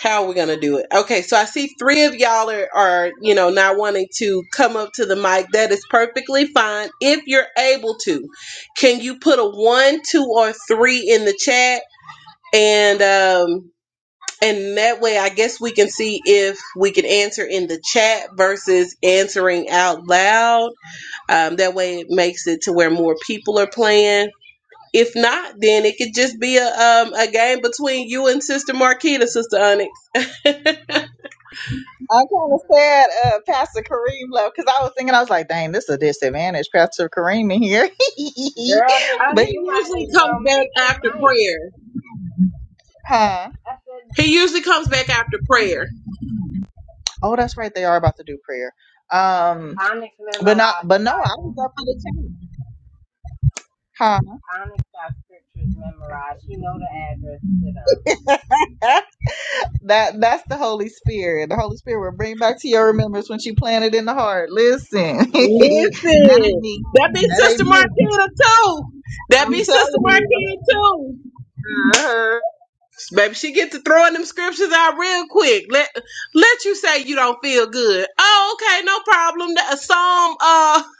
[SPEAKER 1] how are we gonna do it? Okay, so I see three of y'all are, are you know not wanting to come up to the mic. That is perfectly fine if you're able to. Can you put a one, two, or three in the chat? And um, and that way, I guess we can see if we can answer in the chat versus answering out loud. Um, that way, it makes it to where more people are playing. If not, then it could just be a um a game between you and Sister Marquita, Sister Onyx.
[SPEAKER 2] I kind of sad uh, Pastor Kareem left because I was thinking, I was like, dang, this is a disadvantage, Pastor Kareem in here.
[SPEAKER 5] Girl,
[SPEAKER 1] Uh, he
[SPEAKER 2] but,
[SPEAKER 5] then you might
[SPEAKER 1] usually
[SPEAKER 5] as
[SPEAKER 1] comes
[SPEAKER 5] well
[SPEAKER 1] back
[SPEAKER 5] mute your
[SPEAKER 1] after
[SPEAKER 5] mic.
[SPEAKER 1] prayer.
[SPEAKER 2] huh?
[SPEAKER 5] I said,
[SPEAKER 1] He usually comes back after prayer.
[SPEAKER 2] Oh, that's right. They are about to do prayer. Um,
[SPEAKER 5] Onyx
[SPEAKER 2] but not,
[SPEAKER 5] memorized
[SPEAKER 2] but
[SPEAKER 5] the
[SPEAKER 2] no, I
[SPEAKER 5] Bible.
[SPEAKER 2] was up for the team. Huh?
[SPEAKER 5] Onyx got scriptures memorized. You know the address to them.
[SPEAKER 2] That that's the Holy Spirit. The Holy Spirit will bring back to your remembrance when you plant it in the heart. Listen, that ain't
[SPEAKER 1] Listen,
[SPEAKER 2] me.
[SPEAKER 1] that be
[SPEAKER 2] That ain't
[SPEAKER 1] Sister
[SPEAKER 2] me.
[SPEAKER 1] Marquita too. That
[SPEAKER 2] I'm
[SPEAKER 1] be Sister
[SPEAKER 2] telling you.
[SPEAKER 1] Marquita too.
[SPEAKER 2] Uh-huh.
[SPEAKER 1] Baby, she get to throwing them scriptures out real quick. Let let you say you don't feel good. Oh, okay, no problem. That a psalm. Uh,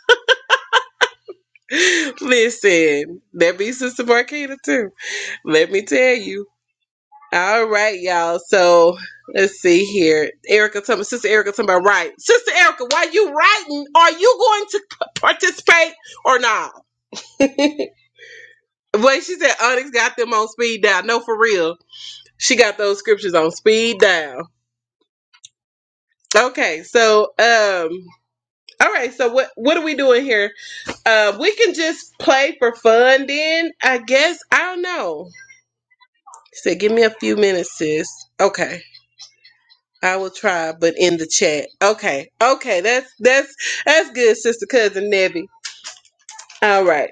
[SPEAKER 1] listen, that be Sister Marquita too. Let me tell you. All right, y'all. So let's see here. Erica, tell me, Sister Erica, tell me about writing. Sister Erica, while you writing, are you going to p- participate or not? Well, she said Onyx got them on speed dial. No, for real. She got those scriptures on speed dial. Okay, so um all right, so what what are we doing here? Uh, we can just play for fun then, I guess. I don't know. She said, give me a few minutes, sis. Okay. I will try, but in the chat. Okay, okay, that's that's that's good, sister cousin Nebby. All right,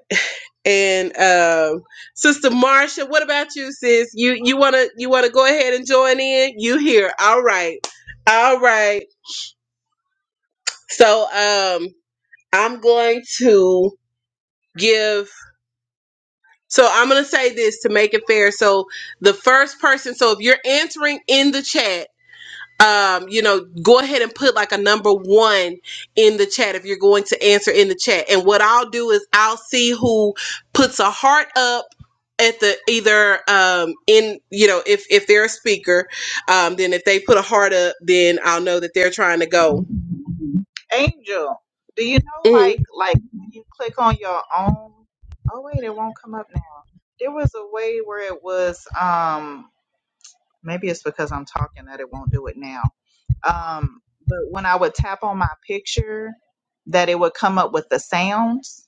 [SPEAKER 1] and um, sister Marsha, what about you, sis? You you wanna you wanna go ahead and join in? You here? All right, all right. So um, I'm going to give. So I'm gonna say this to make it fair. So the first person. So if you're answering in the chat um, you know, go ahead and put like a number one in the chat if you're going to answer in the chat. And what I'll do is I'll see who puts a heart up at the either um in you know if if they're a speaker um then if they put a heart up then i'll know that they're trying to go
[SPEAKER 2] Angel, do you know
[SPEAKER 1] Mhm.
[SPEAKER 2] like like when you click on your own? Oh wait, it won't come up now. There was a way where it was um Maybe it's because I'm talking that it won't do it now. Um, but when I would tap on my picture, that it would come up with the sounds.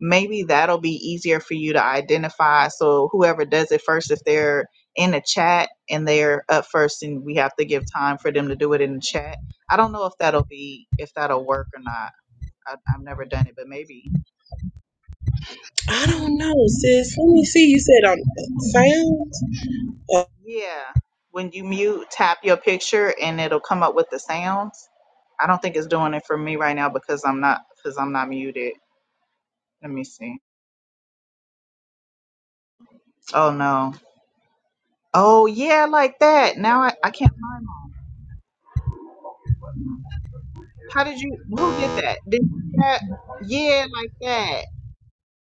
[SPEAKER 2] Maybe that'll be easier for you to identify. So whoever does it first, if they're in the chat and they're up first, and we have to give time for them to do it in the chat. I don't know if that'll be if that'll work or not. I, I've never done it, but maybe.
[SPEAKER 1] i don't know sis let me see you said on sound Uh,
[SPEAKER 2] Yeah. When you mute, tap your picture and it'll come up with the sounds. I don't think it's doing it for me right now because I'm not because I'm not muted. Let me see. Oh no. Oh yeah, like that. Now I, I can't find mine. How did you who did that? Did you do that yeah, like that.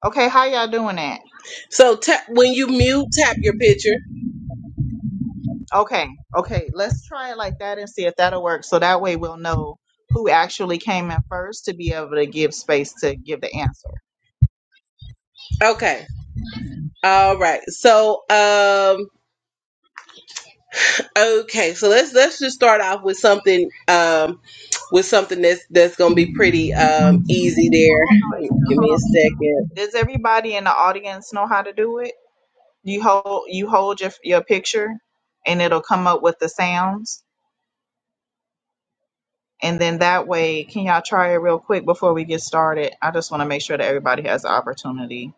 [SPEAKER 2] Okay, how y'all doing that?
[SPEAKER 1] so tap when you mute tap your picture
[SPEAKER 2] Okay, okay, let's try it like that and see if that'll work. So that way we'll know who actually came in first to be able to give space to give the answer.
[SPEAKER 1] okay all right so um Okay, so let's let's just start off with something um with something that's that's gonna be pretty um easy there. Give me a second.
[SPEAKER 2] Does everybody in the audience know how to do it? You hold you hold your your picture, and it'll come up with the sounds, and then that way, can y'all try it real quick before we get started? I just want to make sure that everybody has the opportunity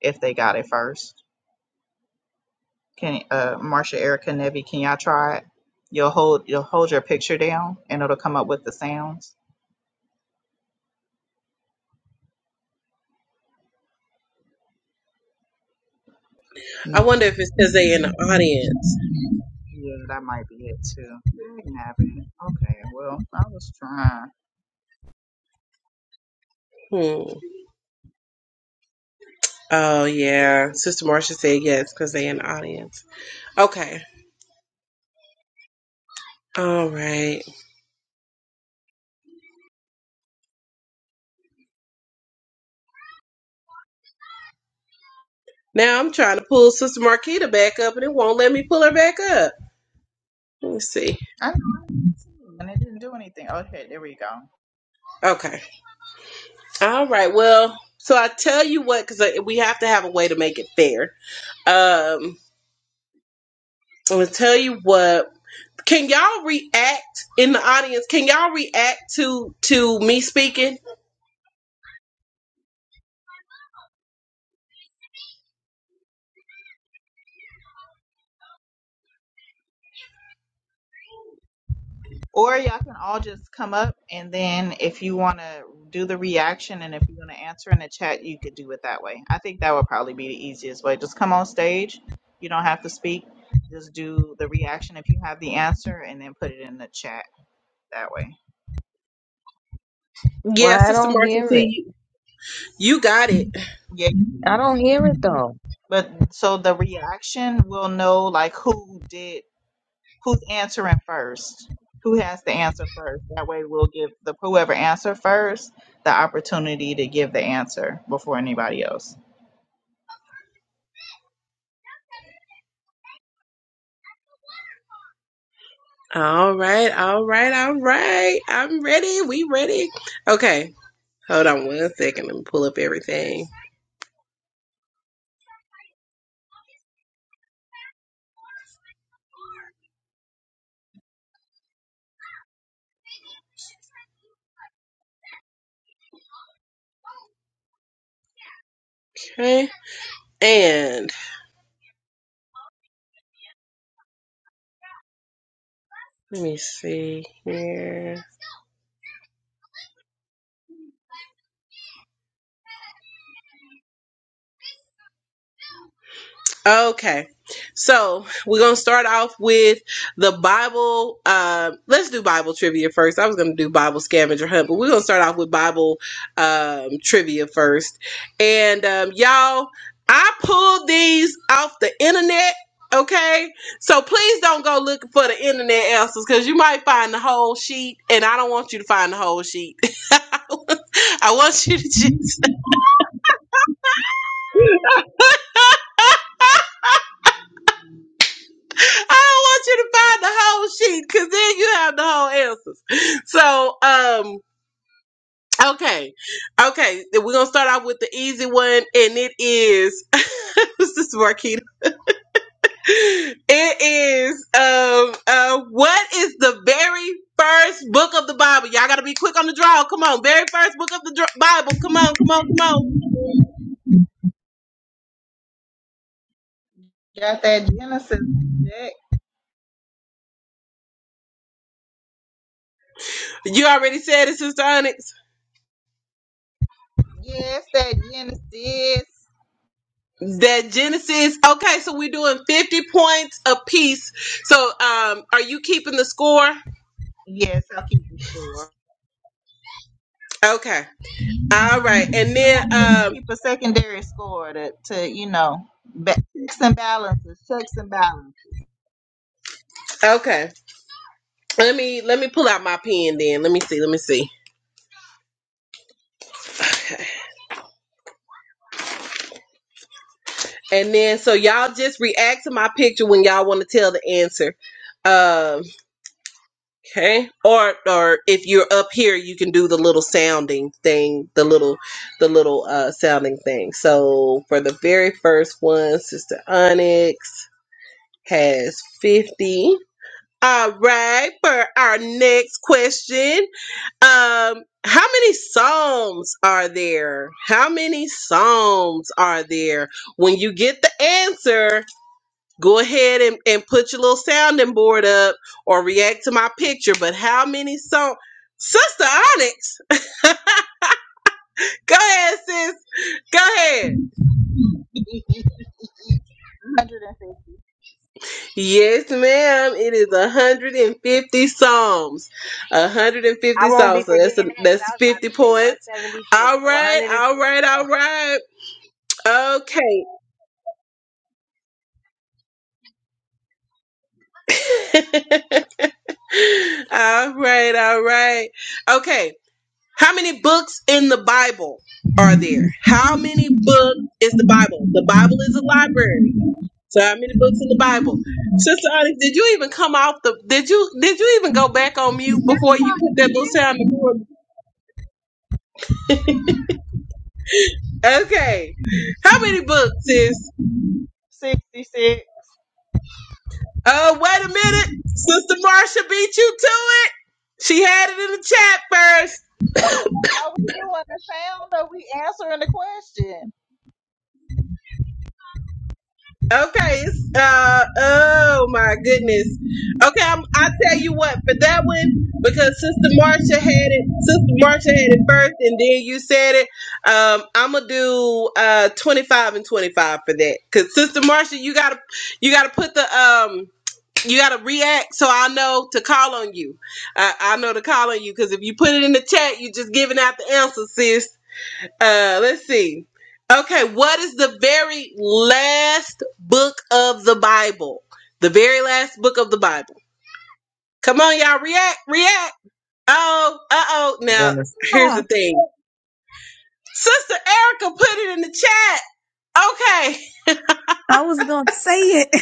[SPEAKER 2] if they got it first. Can uh, Marsha, Erica, Nevi, can y'all try it? You'll hold you'll hold your picture down, and it'll come up with the sounds.
[SPEAKER 1] I
[SPEAKER 2] No,
[SPEAKER 1] wonder if it's because they in the audience.
[SPEAKER 2] yeah, that might be it too. I didn't have it. Okay, well, I was trying.
[SPEAKER 1] Hmm. Oh yeah, Sister Marcia said yes because they in the audience. Okay. All right. Now I'm trying to pull Sister Marquita back up, and it won't let me pull her back up. Let me see.
[SPEAKER 2] I know I did too, and it didn't do anything. Oh shit, there we go.
[SPEAKER 1] Okay. All right. Well, so I tell you what, because we have to have a way to make it fair. Um, I'm gonna tell you what. Can y'all react in the audience? Can y'all react to to me speaking?
[SPEAKER 2] Or y'all can all just come up, and then if you want to do the reaction, and if you want to answer in the chat, you could do it that way. I think that would probably be the easiest way. Just come on stage. You don't have to speak. Just do the reaction if you have the answer, and then put it in the chat that way.
[SPEAKER 4] Well,
[SPEAKER 1] Yeah,
[SPEAKER 4] I
[SPEAKER 1] Sister
[SPEAKER 4] don't
[SPEAKER 1] Marcy,
[SPEAKER 4] hear
[SPEAKER 1] see
[SPEAKER 4] it.
[SPEAKER 1] you. You got it.
[SPEAKER 2] Yeah.
[SPEAKER 4] I don't
[SPEAKER 2] you
[SPEAKER 4] hear it
[SPEAKER 2] can.
[SPEAKER 4] though,
[SPEAKER 2] But so the reaction will know like who did who's answering first who has to answer first that way we'll give the whoever answer first the opportunity to give the answer before anybody else
[SPEAKER 1] All right, all right, all right. I'm ready. We ready. Okay. Hold on one second. Let me pull up everything. Okay. And let me see here. Okay. So we're gonna start off with the Bible. Uh, let's do Bible trivia first. I was gonna do Bible scavenger hunt, but we're gonna start off with Bible um, trivia first. And um, y'all, I pulled these off the internet. Okay, so please don't go looking for the internet answers because you might find the whole sheet, and I don't want you to find the whole sheet. I want you to. I don't want you to find the whole sheet because then you have the whole answers. So, um, okay, okay, we're gonna start off with the easy one, and it is this is Marquita. It is um, uh, what is the very first book of the Bible? Y'all gotta be quick on the draw. Come on, very first book of the dr- Bible. Come on, come on, come on.
[SPEAKER 2] got that genesis deck?
[SPEAKER 1] You already said it, Sister Onyx.
[SPEAKER 2] yes that genesis
[SPEAKER 1] That Genesis. Okay, so we're doing 50 points a piece. So um are you keeping the score?
[SPEAKER 2] yes i'll keep the score
[SPEAKER 1] Okay. All right.
[SPEAKER 2] somebody,
[SPEAKER 1] And then
[SPEAKER 2] somebody
[SPEAKER 1] um
[SPEAKER 2] keep a secondary score to, to you know ba- checks and balances checks and balances
[SPEAKER 1] okay. Let me let me pull out my pen then. Let me see. Let me see. And then so y'all just react to my picture when y'all want to tell the answer. Um okay. Or or if you're up here you can do the little sounding thing, the little the little uh sounding thing. So for the very first one, Sister Onyx. has 50. All right, for our next question. Um, how many psalms are there? How many psalms are there? When you get the answer, go ahead and, and put your little sounding board up or react to my picture. But how many psalms? Sister Onyx, go ahead, sis. Go ahead. Yes, ma'am. It is 150 psalms.
[SPEAKER 5] I
[SPEAKER 1] 150
[SPEAKER 5] won't be
[SPEAKER 1] psalms. So that's a,
[SPEAKER 5] forgetting that because I
[SPEAKER 1] that's
[SPEAKER 5] was about
[SPEAKER 1] 50
[SPEAKER 5] to say
[SPEAKER 1] points.
[SPEAKER 5] 176.
[SPEAKER 1] All
[SPEAKER 5] So
[SPEAKER 1] right.
[SPEAKER 5] 150.
[SPEAKER 1] All right.
[SPEAKER 5] Oh,
[SPEAKER 1] All right. Okay. all right. All right. Okay. How many books in the Bible are there? How many books is the Bible? The Bible is a library. So how many books in the Bible? Sister Onyx, did you even come off the? Did you did you even go back on mute before you put that little sound? in the door? Okay. How many books is?
[SPEAKER 2] 166
[SPEAKER 1] Oh, wait a minute. Sister Marsha beat you to it. She had it in the chat first.
[SPEAKER 2] are we doing the sound or we answering the question
[SPEAKER 1] Okay. It's, uh, oh my goodness. Okay. I'm, I'll tell you what for that one because Sister Marsha had it. Sister Marsha had it first and then you said it. Um, I'm going to do, uh, 25 and 25 for that. Cause Sister Marsha, you gotta, you gotta put the, um, you gotta react so I know to call on you. I, I know to call on you because if you put it in the chat, you're just giving out the answer, sis. Uh, let's see. Okay, what is the very last book of the Bible? The very last book of the Bible. Come on, y'all, react, react. Oh, uh oh. Now,
[SPEAKER 4] Genesis.
[SPEAKER 1] here's the thing. Sister Erica put it in the chat. Okay.
[SPEAKER 4] Say it.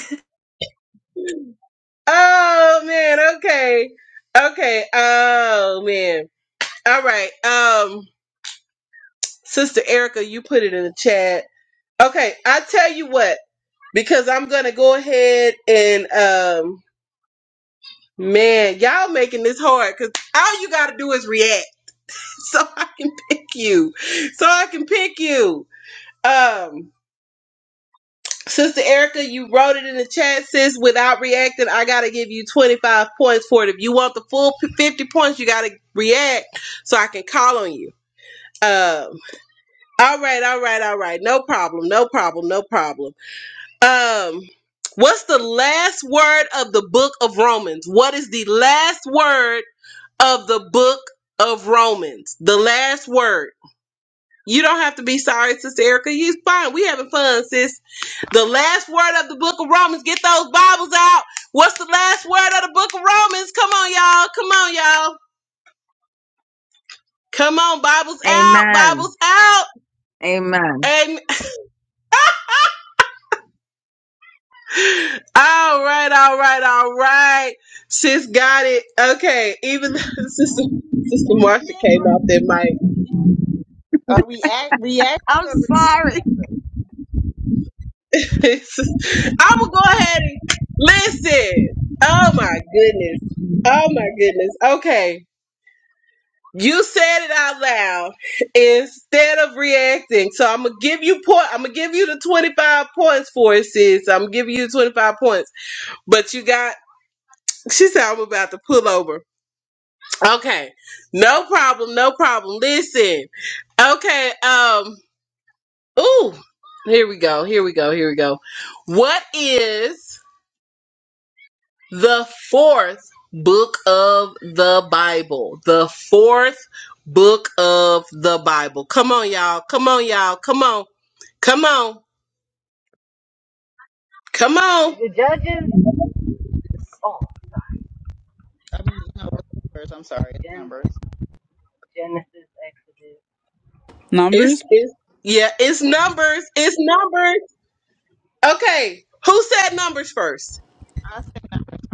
[SPEAKER 1] Oh man, okay. Okay. Oh man. All right. Um. Sister Erica, you put it in the chat. Okay, I tell you what, because I'm gonna go ahead and um man, y'all making this hard because all you gotta do is react. So I can pick you. So I can pick you. Um Sister Erica, you wrote it in the chat, sis. Without reacting, I gotta give you 25 points for it. If you want the full p- 50 points, you gotta react so I can call on you. Um, all right, all right, all right. No problem, no problem, no problem. Um, what's the last word of the book of Romans? What is the last word of the book of Romans? The last word. You don't have to be sorry, Sister Erica. You fine. We having fun, sis. The last word of the book of Romans. Get those Bibles out. What's the last word of the book of Romans? Come on, y'all. Come on, y'all. Come on, Bibles out.
[SPEAKER 4] Amen.
[SPEAKER 1] Bibles out.
[SPEAKER 4] Amen.
[SPEAKER 1] Amen. All right, all right, all right. Sis got it. Okay, even though Sister, Sister Marcia came off that mic.
[SPEAKER 2] Are we act reacting
[SPEAKER 4] I'm
[SPEAKER 2] or receiving
[SPEAKER 4] sorry.
[SPEAKER 1] I will go ahead and listen. Oh my goodness. Oh my goodness. Okay. You said it out loud instead of reacting. So I'm gonna give you point. I'm gonna give you the 25 points for it, sis. I'm giving you 25 points. But you got. She said I'm about to pull over. Okay. No problem. No problem. Listen. Okay. Um. Ooh. Here we go. Here we go. Here we go. What is the fourth book of the Bible? The fourth book of the Bible. Come on, y'all. Come on, y'all. Come on. Come on. Come on.
[SPEAKER 5] is it Judges?
[SPEAKER 2] numbers?
[SPEAKER 5] Oh,
[SPEAKER 2] I mean, no, it's numbers. I'm sorry, it's
[SPEAKER 5] Gen-
[SPEAKER 2] numbers.
[SPEAKER 5] Genesis, Exodus.
[SPEAKER 1] It's
[SPEAKER 6] Numbers,
[SPEAKER 1] it's yeah. It's numbers. It's numbers. Okay. Who said numbers first?
[SPEAKER 2] I see numbers.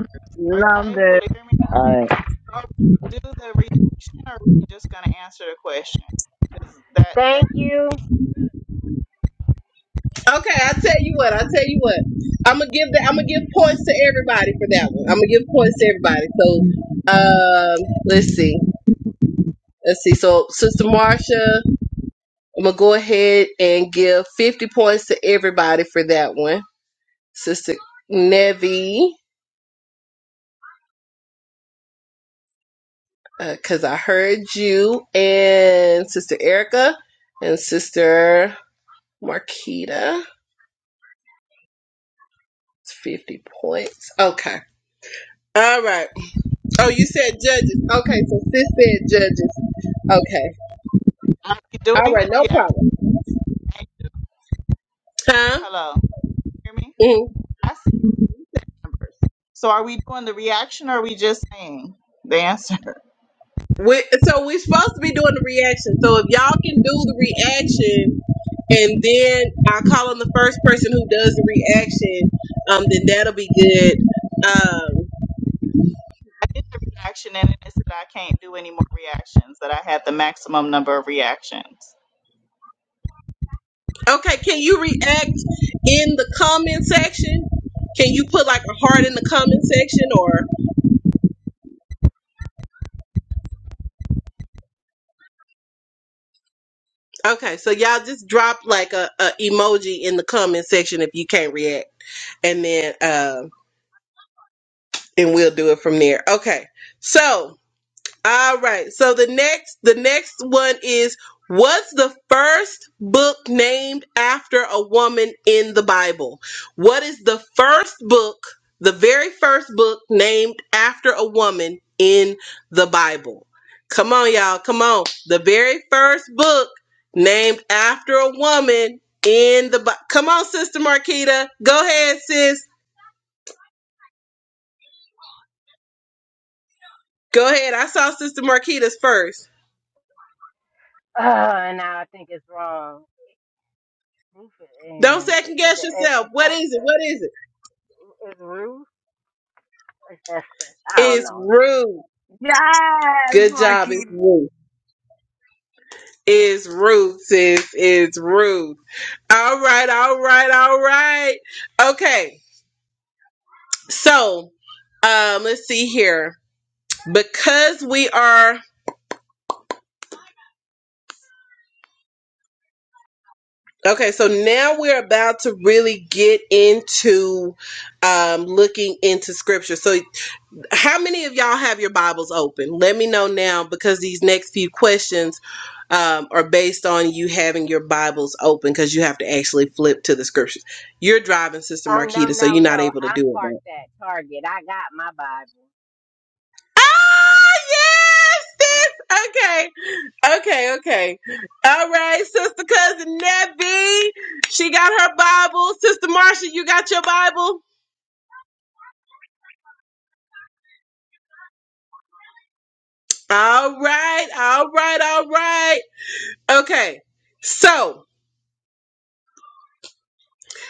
[SPEAKER 2] Are y'all
[SPEAKER 4] Love
[SPEAKER 2] able
[SPEAKER 4] it.
[SPEAKER 2] to hear me?
[SPEAKER 4] All right.
[SPEAKER 2] Are we do the reaction or are we just going to answer the question? Because that, that,
[SPEAKER 5] Thank you.
[SPEAKER 1] Okay, I tell you what. I tell you what. I'm gonna give that. I'm gonna give points to everybody for that one. I'm gonna give points to everybody. So, um, let's see. Let's see. So, Sister Marcia, I'm gonna go ahead and give 50 points to everybody for that one. Sister Nevi, because I heard you, and Sister Erica, and Sister Marquita. It's 50 points. Okay. All right. Oh, you said judges. Okay, so sis said judges. Okay.
[SPEAKER 2] I'm
[SPEAKER 1] All
[SPEAKER 2] doing
[SPEAKER 1] right.
[SPEAKER 2] the
[SPEAKER 1] No
[SPEAKER 2] reaction.
[SPEAKER 1] problem.
[SPEAKER 2] Thank you.
[SPEAKER 1] Huh?
[SPEAKER 2] Hello. Hear me?
[SPEAKER 1] hmm
[SPEAKER 2] I see numbers. So are we doing the reaction or are we just saying the answer?
[SPEAKER 1] We, so we're supposed to be doing the reaction. So if y'all can do the reaction, and then I call on the first person who does the reaction, um, then that'll be good. Um,
[SPEAKER 2] I did the reaction and it said I can't do any more reactions, that I had the maximum number of reactions.
[SPEAKER 1] okay. Can you react in the comment section? Can you put like a heart in the comment section or okay? So y'all just drop like a, a emoji in the comment section if you can't react, and then uh, and we'll do it from there. Okay. So All right. So the next the next one is what's the first book named after a woman in the Bible? What is the first book, the very first book named after a woman in the Bible? Come on y'all, come on. The very first book named after a woman in the Bi- Come on Sister Marquita. Go ahead sis. Go ahead. I saw Sister Marquita's first.
[SPEAKER 5] Uh, now I think it's wrong. Ruth is in.
[SPEAKER 1] Don't
[SPEAKER 5] in-
[SPEAKER 1] second
[SPEAKER 5] Is
[SPEAKER 1] guess
[SPEAKER 5] it? Es-
[SPEAKER 1] yourself.
[SPEAKER 5] It's
[SPEAKER 1] What is it?
[SPEAKER 5] Esther.
[SPEAKER 1] What is it?
[SPEAKER 5] Is Ruth? It's Esther. I don't
[SPEAKER 1] It's
[SPEAKER 5] know. man.
[SPEAKER 1] rude.
[SPEAKER 5] Ugh.
[SPEAKER 4] Yes,
[SPEAKER 1] Good job.
[SPEAKER 4] Lucky.
[SPEAKER 1] It's rude. It's rude, sis. It's rude. All right, all right, all right. Okay. So, um, let's see here. Because we are okay, so now we're about to really get into um looking into scripture. So How many of y'all have your Bibles open? Let me know now because these next few questions um, are based on you having your Bibles open because you have to actually flip to the scriptures. You're driving, Sister
[SPEAKER 5] Oh no
[SPEAKER 1] Marquita, so
[SPEAKER 5] no
[SPEAKER 1] you're not
[SPEAKER 5] no!
[SPEAKER 1] able to
[SPEAKER 5] I'm
[SPEAKER 1] do it.
[SPEAKER 5] parked
[SPEAKER 1] Right?
[SPEAKER 5] at Target. I got my Bible
[SPEAKER 1] Ah, yes, sis. Okay. Okay, okay. All right, Sister Cousin Nebby. She got her Bible. Sister Marcia, you got your Bible? All right, all right, all right. Okay, so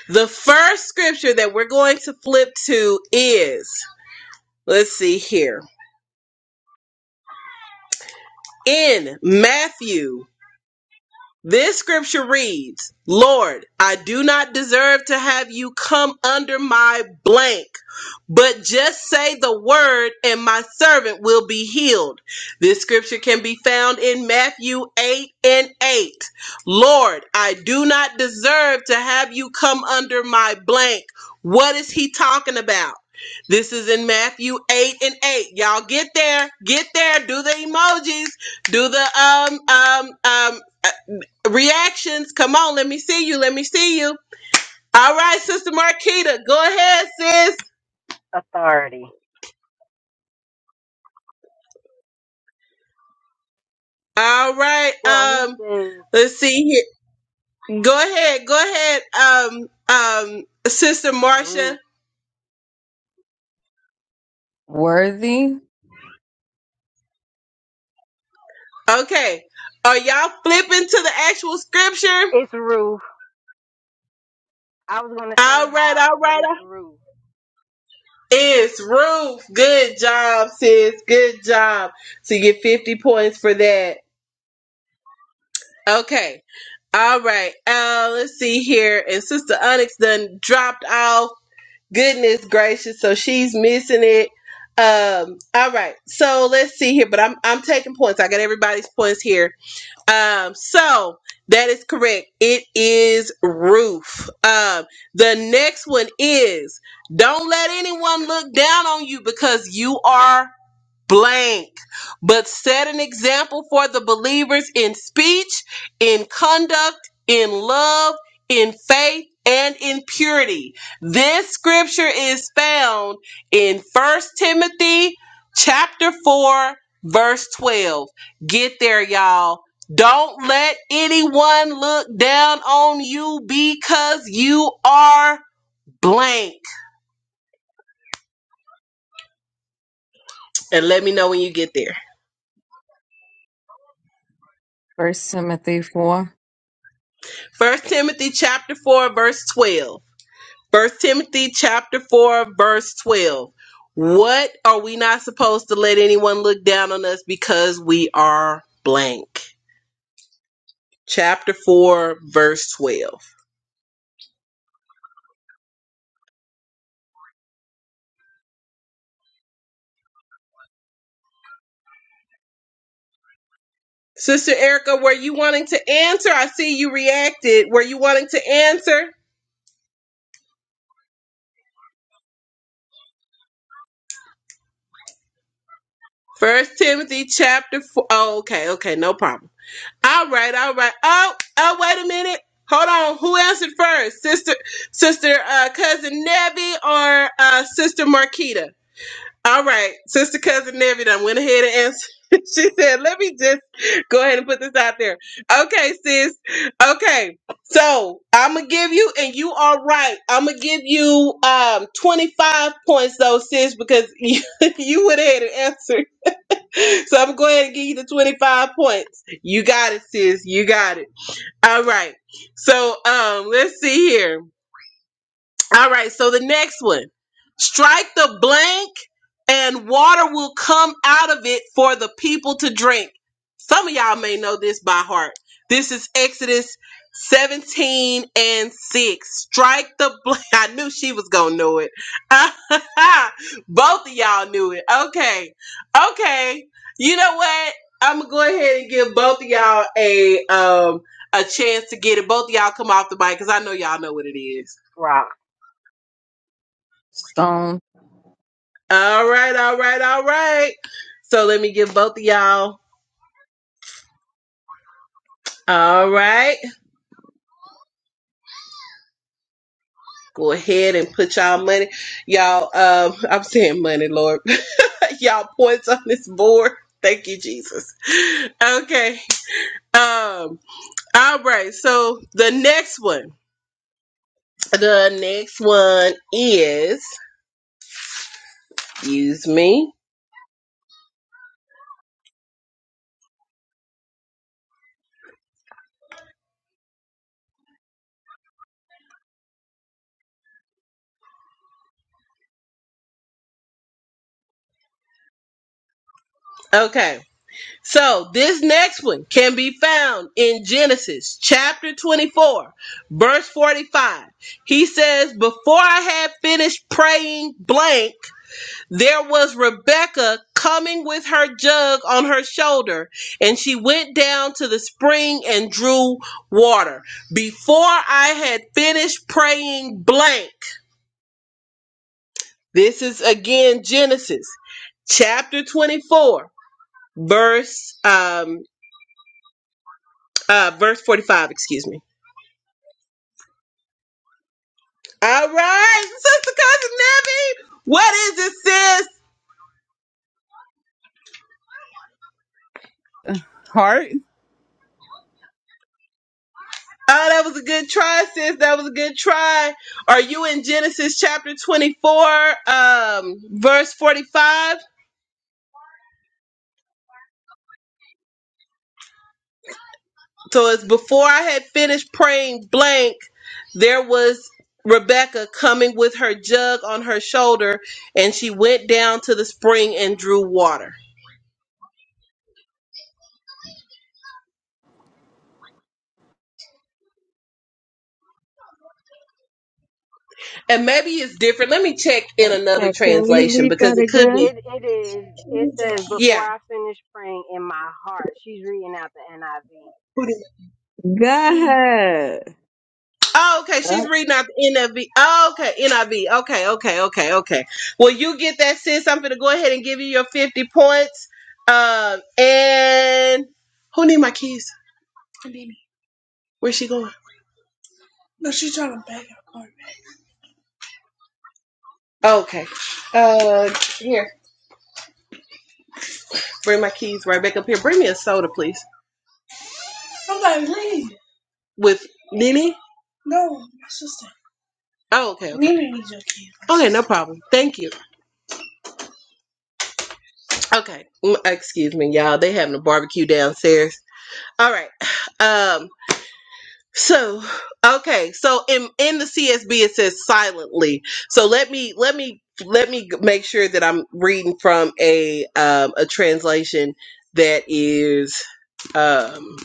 [SPEAKER 1] The first scripture that we're going to flip to is, let's see here, in Matthew This scripture reads, Lord, I do not deserve to have you come under my blank, but just say the word and my servant will be healed. This scripture can be found in Matthew 8 and 8. Lord, I do not deserve to have you come under my blank. What is he talking about? This is in Matthew 8 and 8. Y'all get there, get there, do the emojis, do the um um um Reactions. Come on, let me see you. Let me see you. All right, Sister Marquita. Go ahead, sis.
[SPEAKER 5] authority.
[SPEAKER 1] All right.
[SPEAKER 5] Well, he
[SPEAKER 1] Um,
[SPEAKER 5] says
[SPEAKER 1] let's see here. Go ahead. Go ahead. Um, um, Sister Marcia.
[SPEAKER 5] Ruth.
[SPEAKER 4] Worthy.
[SPEAKER 1] Okay. Are y'all flipping to the actual scripture?
[SPEAKER 5] It's Ruth. I was gonna say
[SPEAKER 1] All right,
[SPEAKER 5] house,
[SPEAKER 1] all
[SPEAKER 5] but
[SPEAKER 1] right.
[SPEAKER 5] it's roof
[SPEAKER 1] It's Ruth. Good job, sis. Good job. So you get 50 points for that. Okay. All right. Uh, let's see here. And Sister Onyx done dropped off. Goodness gracious. So she's missing it. Um, all right. So let's see here. But I'm I'm taking points. I got everybody's points here. Um, so that is correct. It is roof. Um, the next one is don't let anyone look down on you because you are blank, but set an example for the believers in speech, in conduct, in love, in faith, and in purity. This scripture is found in First Timothy chapter 4 verse 12. Get there y'all. Don't let anyone look down on you because you are blank. And let me know when you get there.
[SPEAKER 4] First Timothy four.
[SPEAKER 1] First Timothy chapter 4 verse 12. First Timothy chapter 4 verse 12. What are we not supposed to let anyone look down on us because we are blank? Chapter 4 verse 12. Sister Erica, were you wanting to answer? I see you reacted. Were you wanting to answer? First Timothy chapter 4. Oh, okay, okay, no problem. All right, all right. Oh, oh, wait a minute. Hold on. Who answered first? Sister, sister, uh, cousin Nebby or uh, sister Marquita? All right, sister cousin Nebby done went ahead and answered. she said, "Let me just go ahead and put this out there." Okay, sis. Okay, so I'm gonna give you, and you are right. I'm gonna give you um 25 points, though, sis, because you you went ahead and answered. So I'm gonna go ahead and give you the 25 points. You got it, sis. You got it. All right. So um, let's see here. All right, so the next one strike the blank, and water will come out of it for the people to drink. Some of y'all may know this by heart. This is Exodus 17 and 6. Strike the blank. I knew she was going to know it. Both of y'all knew it. Okay. Okay. You know what? I'm going to go ahead and give both of y'all a um a chance to get it. Both of y'all come off the mic cuz I know y'all know what it is.
[SPEAKER 5] rock.
[SPEAKER 4] Stone.
[SPEAKER 1] All right, all right, all right. So let me give both of y'all. All right. Go ahead and put y'all money. Y'all, um, I'm saying money, Lord. y'all points on this board. Thank you, Jesus. Okay. Um, all right. So the next one. The next one is use me. Okay. So this next one can be found in Genesis chapter 24, verse 45. He says, Before I had finished praying blank, there was Rebecca coming with her jug on her shoulder, and she went down to the spring and drew water. Before I had finished praying blank, this is again Genesis chapter 24, verse um Uh, verse 45, excuse me. All right, Sister Cousin Nebby, what is it, sis?
[SPEAKER 6] Hart,
[SPEAKER 1] Oh, that was a good try, sis. That was a good try. Are you in Genesis chapter 24, um, verse 45? So it's before I had finished praying blank, there was Rebecca coming with her jug on her shoulder, and she went down to the spring and drew water. And maybe it's different. Let me check in another
[SPEAKER 4] Okay, can
[SPEAKER 5] It,
[SPEAKER 4] we
[SPEAKER 1] translation
[SPEAKER 4] read
[SPEAKER 1] because
[SPEAKER 4] that
[SPEAKER 1] it could
[SPEAKER 5] it
[SPEAKER 1] be.
[SPEAKER 4] again?
[SPEAKER 5] it it is. It says
[SPEAKER 1] Yeah.
[SPEAKER 5] before I finish praying in my heart. She's reading out the NIV.
[SPEAKER 4] Go ahead.
[SPEAKER 1] Oh, okay. She's reading out the NIV. Oh, okay, NIV. Okay, okay, okay, okay. Well, you get that, sis. I'm gonna go ahead and give you your 50 points. Um, and who need my keys? Where's she going? Okay. Uh, here. Bring my keys right back up here. Bring me a soda, please. With Nini. Oh, okay, okay. Nene needs your keys. Okay, no problem. Thank you. Okay. Mm, Excuse me, y'all. They having a barbecue downstairs. All right. Um. So, okay. So in in the CSB it says silently. So let me let me let me g- make sure that I'm reading from a um a translation that is um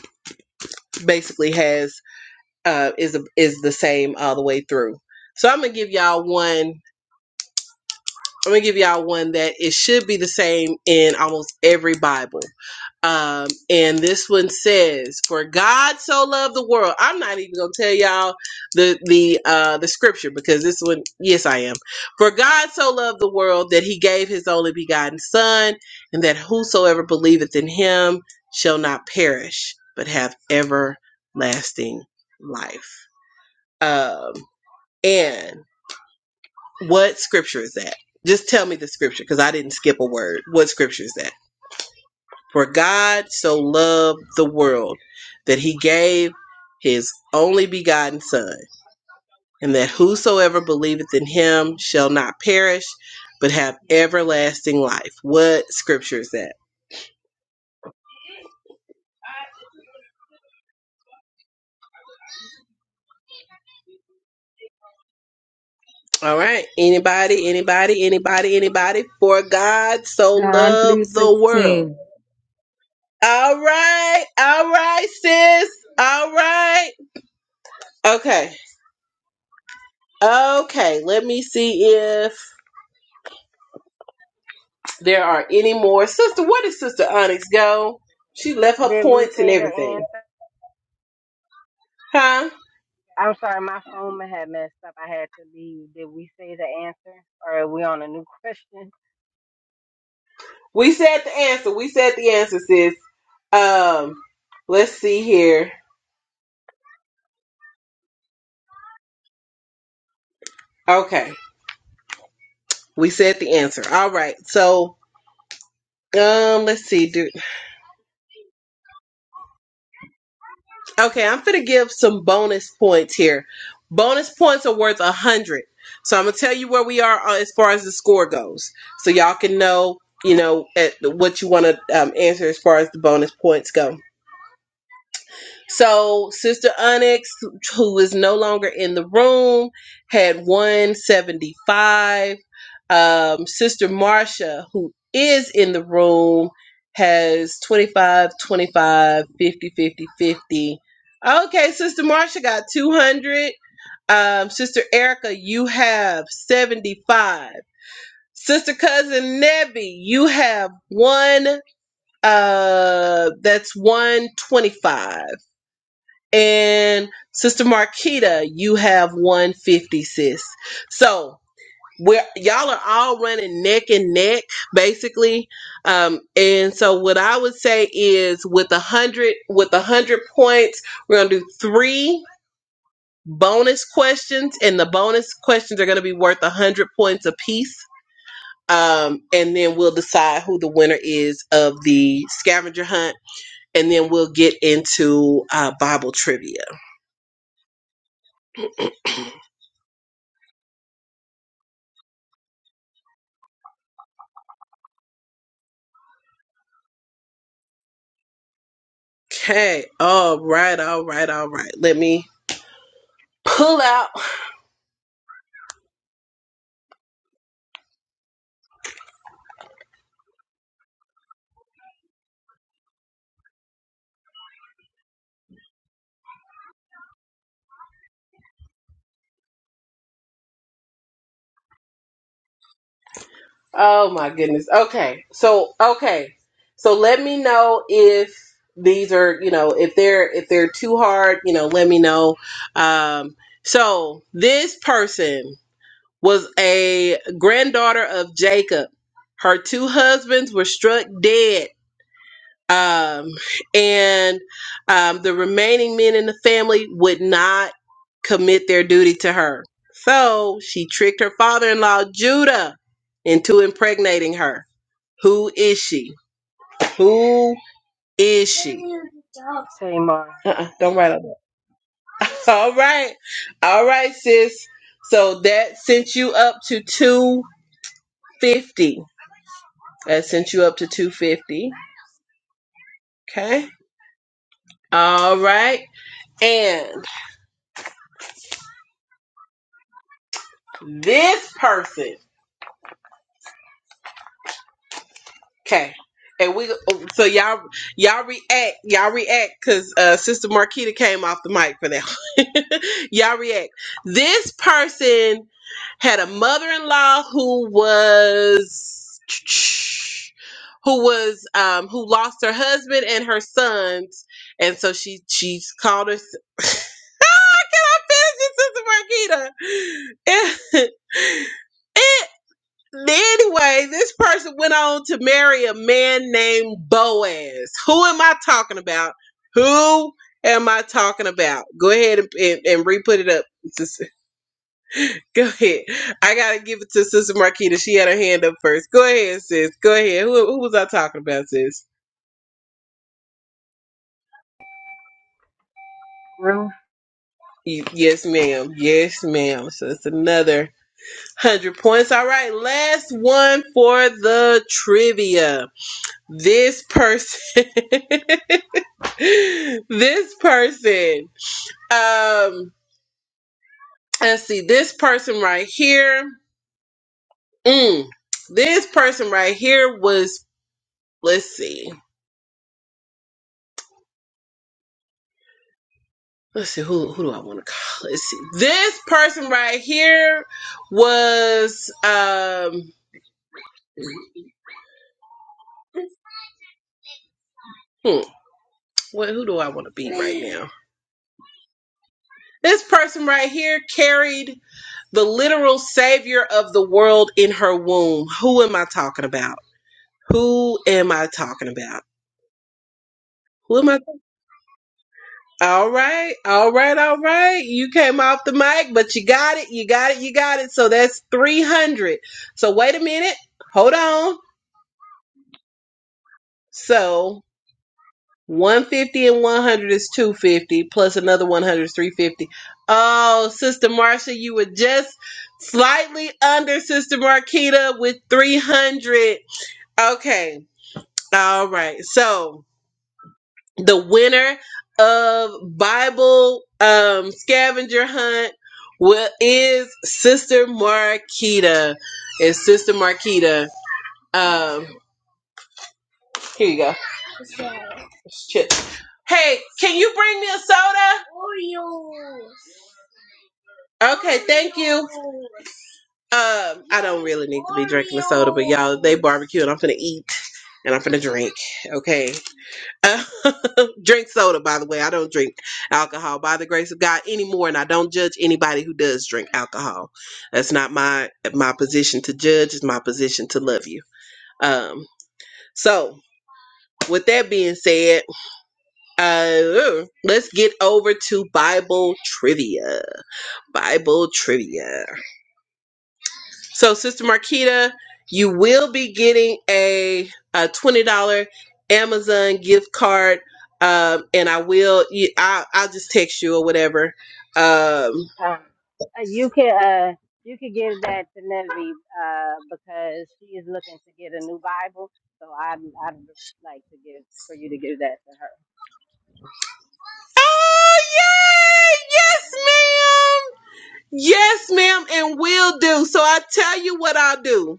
[SPEAKER 1] basically has uh is a, is the same all the way through. So I'm going to give y'all one I'm going to give y'all one that it should be the same in almost every Bible. Um, and this one says, "For God so loved the world." I'm not even gonna tell y'all the the uh, the scripture because this one, yes, I am. For God so loved the world that He gave His only begotten Son, and that whosoever believeth in Him shall not perish but have everlasting life. Um, and what scripture is that? Just tell me the scripture because I didn't skip a word. What scripture is that? For God so loved the world that he gave his only begotten Son, and that whosoever believeth in him shall not perish, but have everlasting life. What scripture is that? All right. Anybody, anybody, anybody, anybody? For God so
[SPEAKER 4] John three
[SPEAKER 1] loved the world.
[SPEAKER 4] sixteen.
[SPEAKER 1] All right. All right, sis. All right. Okay. Okay. Let me see if there are any more. Sister, where did Sister Onyx go? She left her
[SPEAKER 5] Did we
[SPEAKER 1] points and
[SPEAKER 5] say the
[SPEAKER 1] everything.
[SPEAKER 5] answer?
[SPEAKER 1] Huh?
[SPEAKER 5] I'm sorry, my phone had messed up. I had to leave. Did we say the answer, or are we on a new question?
[SPEAKER 1] We said the answer. We said the answer, sis. Um, let's see here. Okay. We said the answer. All right. So um let's see, dude. Okay, I'm gonna give some bonus points here. Bonus points are worth a hundred. So I'm gonna tell you where we are uh, as far as the score goes. So y'all can know, you know, at what you wanna um, answer as far as the bonus points go. So Sister Onyx, who is no longer in the room, had 175. Um, Sister Marcia, who is in the room, has 25, 25, 50, 50, 50. Okay, Sister Marcia got 200. Um, Sister Erica, you have 75. Sister Cousin Nebby, you have one, uh, that's 125. And Sister Marquita, you have 150, sis. So we're y'all are all running neck and neck, basically. Um, and so what I would say is with a hundred with a hundred points, we're gonna do three bonus questions, and the bonus questions are gonna be worth a hundred points apiece. Um, and then we'll decide who the winner is of the scavenger hunt, and then we'll get into uh, Bible trivia. Okay. All right. All right. All right. Let me pull out. Oh my goodness. Okay. So okay. So let me know if these are you know if they're if they're too hard you know let me know. Um. So this person was a granddaughter of Jacob. Her two husbands were struck dead um, and um, the remaining men in the family would not commit their duty to her. So she tricked her father in law, Judah, into impregnating her. Who is she? Who is she?
[SPEAKER 5] Tamar,
[SPEAKER 1] Uh-uh, don't write on that. All right. All right, sis. So that sent you up to 250. That sent you up to 250. Okay. All right. And this person. Okay. And we so y'all y'all react y'all react because uh, Sister Marquita came off the mic for that. one. y'all react. This person had a mother-in-law who was who was um who lost her husband and her sons and so she she called her Sister Marquita. And, Anyway, this person went on to marry a man named Boaz. Who am I talking about? Who am I talking about? Go ahead and, and, and re put it up. Sis- Go ahead. I got to give it to Sister Marquita. She had her hand up first. Go ahead, sis. Go ahead. Who, who was I talking about, sis?
[SPEAKER 5] roof.
[SPEAKER 1] Y- Yes, ma'am. Yes, ma'am. So it's another 100 points. All right, last one for the trivia. This person. this person, um, let's see, this person right here, mm, this person right here was, let's see, let's see, who who do I want to call? Let's see, this person right here was, um, hmm, what who do I want to be right now? This person right here carried the literal savior of the world in her womb. Who am I talking about? Who am I talking about? Who am I? All right, all right, all right. You came off the mic, but you got it, you got it, you got it. So that's 300. So wait a minute, hold on. So 150 and 100 is 250, plus another 100 is 350. Oh, Sister Marcia, you were just slightly under Sister Marquita with 300. Okay, all right. So the winner of Bible um, scavenger hunt will, is Sister Marquita. Is Sister Marquita? Um, here you go. Shit. Hey, can you bring me a soda? Okay, thank you. Um, I don't really need to be drinking the soda, but y'all, they barbecue and I'm finna eat and I'm finna drink. Okay. drink soda, by the way. I don't drink alcohol by the grace of God anymore, and I don't judge anybody who does drink alcohol. That's not my my position to judge. It's my position to love you. Um, so with that being said, uh, let's get over to Bible trivia. Bible trivia. So, Sister Marquita, you will be getting a, a twenty dollar Amazon gift card, um, and I will. you- I, I'll just text you or whatever. Um,
[SPEAKER 5] Um, uh, you can uh you can give that to Nevi uh because she is looking to get a new Bible. So I'd I'd like to give for you to give that to her.
[SPEAKER 1] yes, ma'am, and will do. So I tell you what I'll do.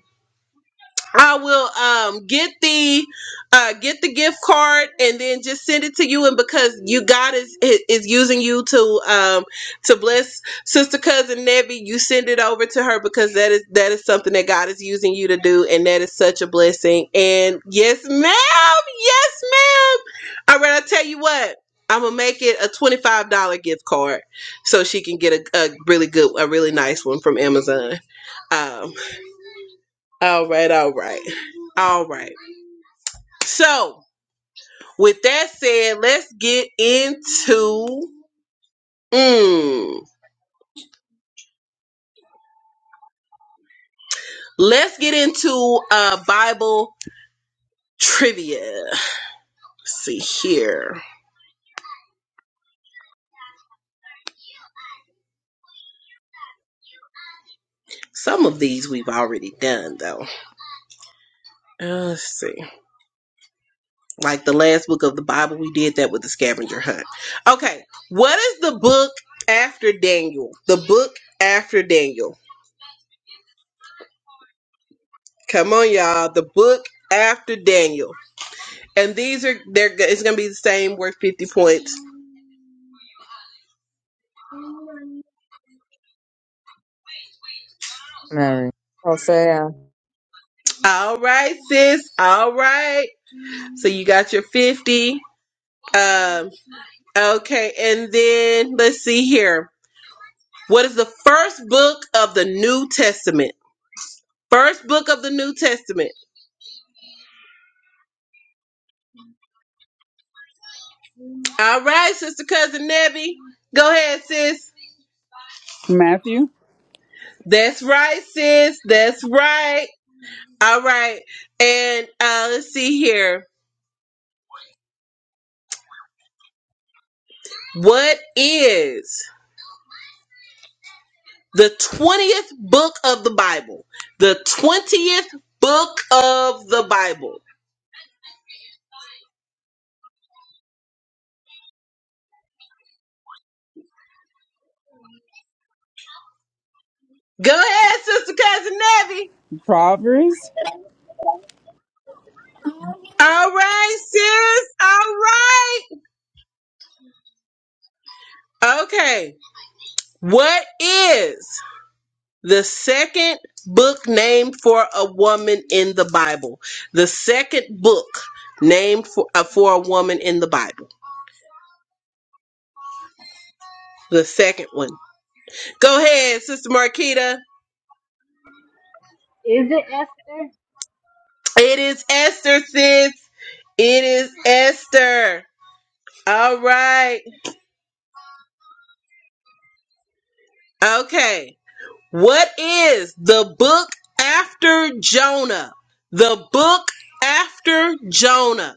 [SPEAKER 1] I will um get the uh get the gift card and then just send it to you and because you God is is using you to um to bless sister cousin Nevi, you send it over to her because that is that is something that God is using you to do and that is such a blessing. And yes, ma'am, yes, ma'am. All right, I tell you what. I'm gonna make it a twenty-five dollar gift card, so she can get a, a really good, a really nice one from Amazon. Um, all right, all right, all right. So, with that said, let's get into mm, let's get into uh Bible trivia. Let's see here. Some of these we've already done though. Uh, let's see. Like the last book of the Bible, we did that with the scavenger hunt. Okay, what is the book after Daniel? The book after Daniel. Come on, y'all. The book after Daniel. And these are they're go- it's gonna be the same worth fifty points.
[SPEAKER 4] Mary. Hosea.
[SPEAKER 1] All right, sis. All right. So you got your fifty. Um. Okay, and then let's see here. What is the first book of the New Testament? First book of the New Testament. All right, sister cousin Nebby. Go ahead, sis.
[SPEAKER 6] Matthew,
[SPEAKER 1] That's right, sis. That's right. All right. And uh, let's see here. What is the 20th book of the Bible. The 20th book of the Bible. Go ahead, Sister Cousin Nevi.
[SPEAKER 6] Proverbs.
[SPEAKER 1] All right, sis. All right. Okay. What is the second book named for a woman in the Bible? The second book named for, uh, for a woman in the Bible. The second one. Go ahead, Sister Marquita.
[SPEAKER 5] Is it Esther?
[SPEAKER 1] It is Esther, sis. It is Esther. All right. Okay. What is the book after Jonah? The book after Jonah.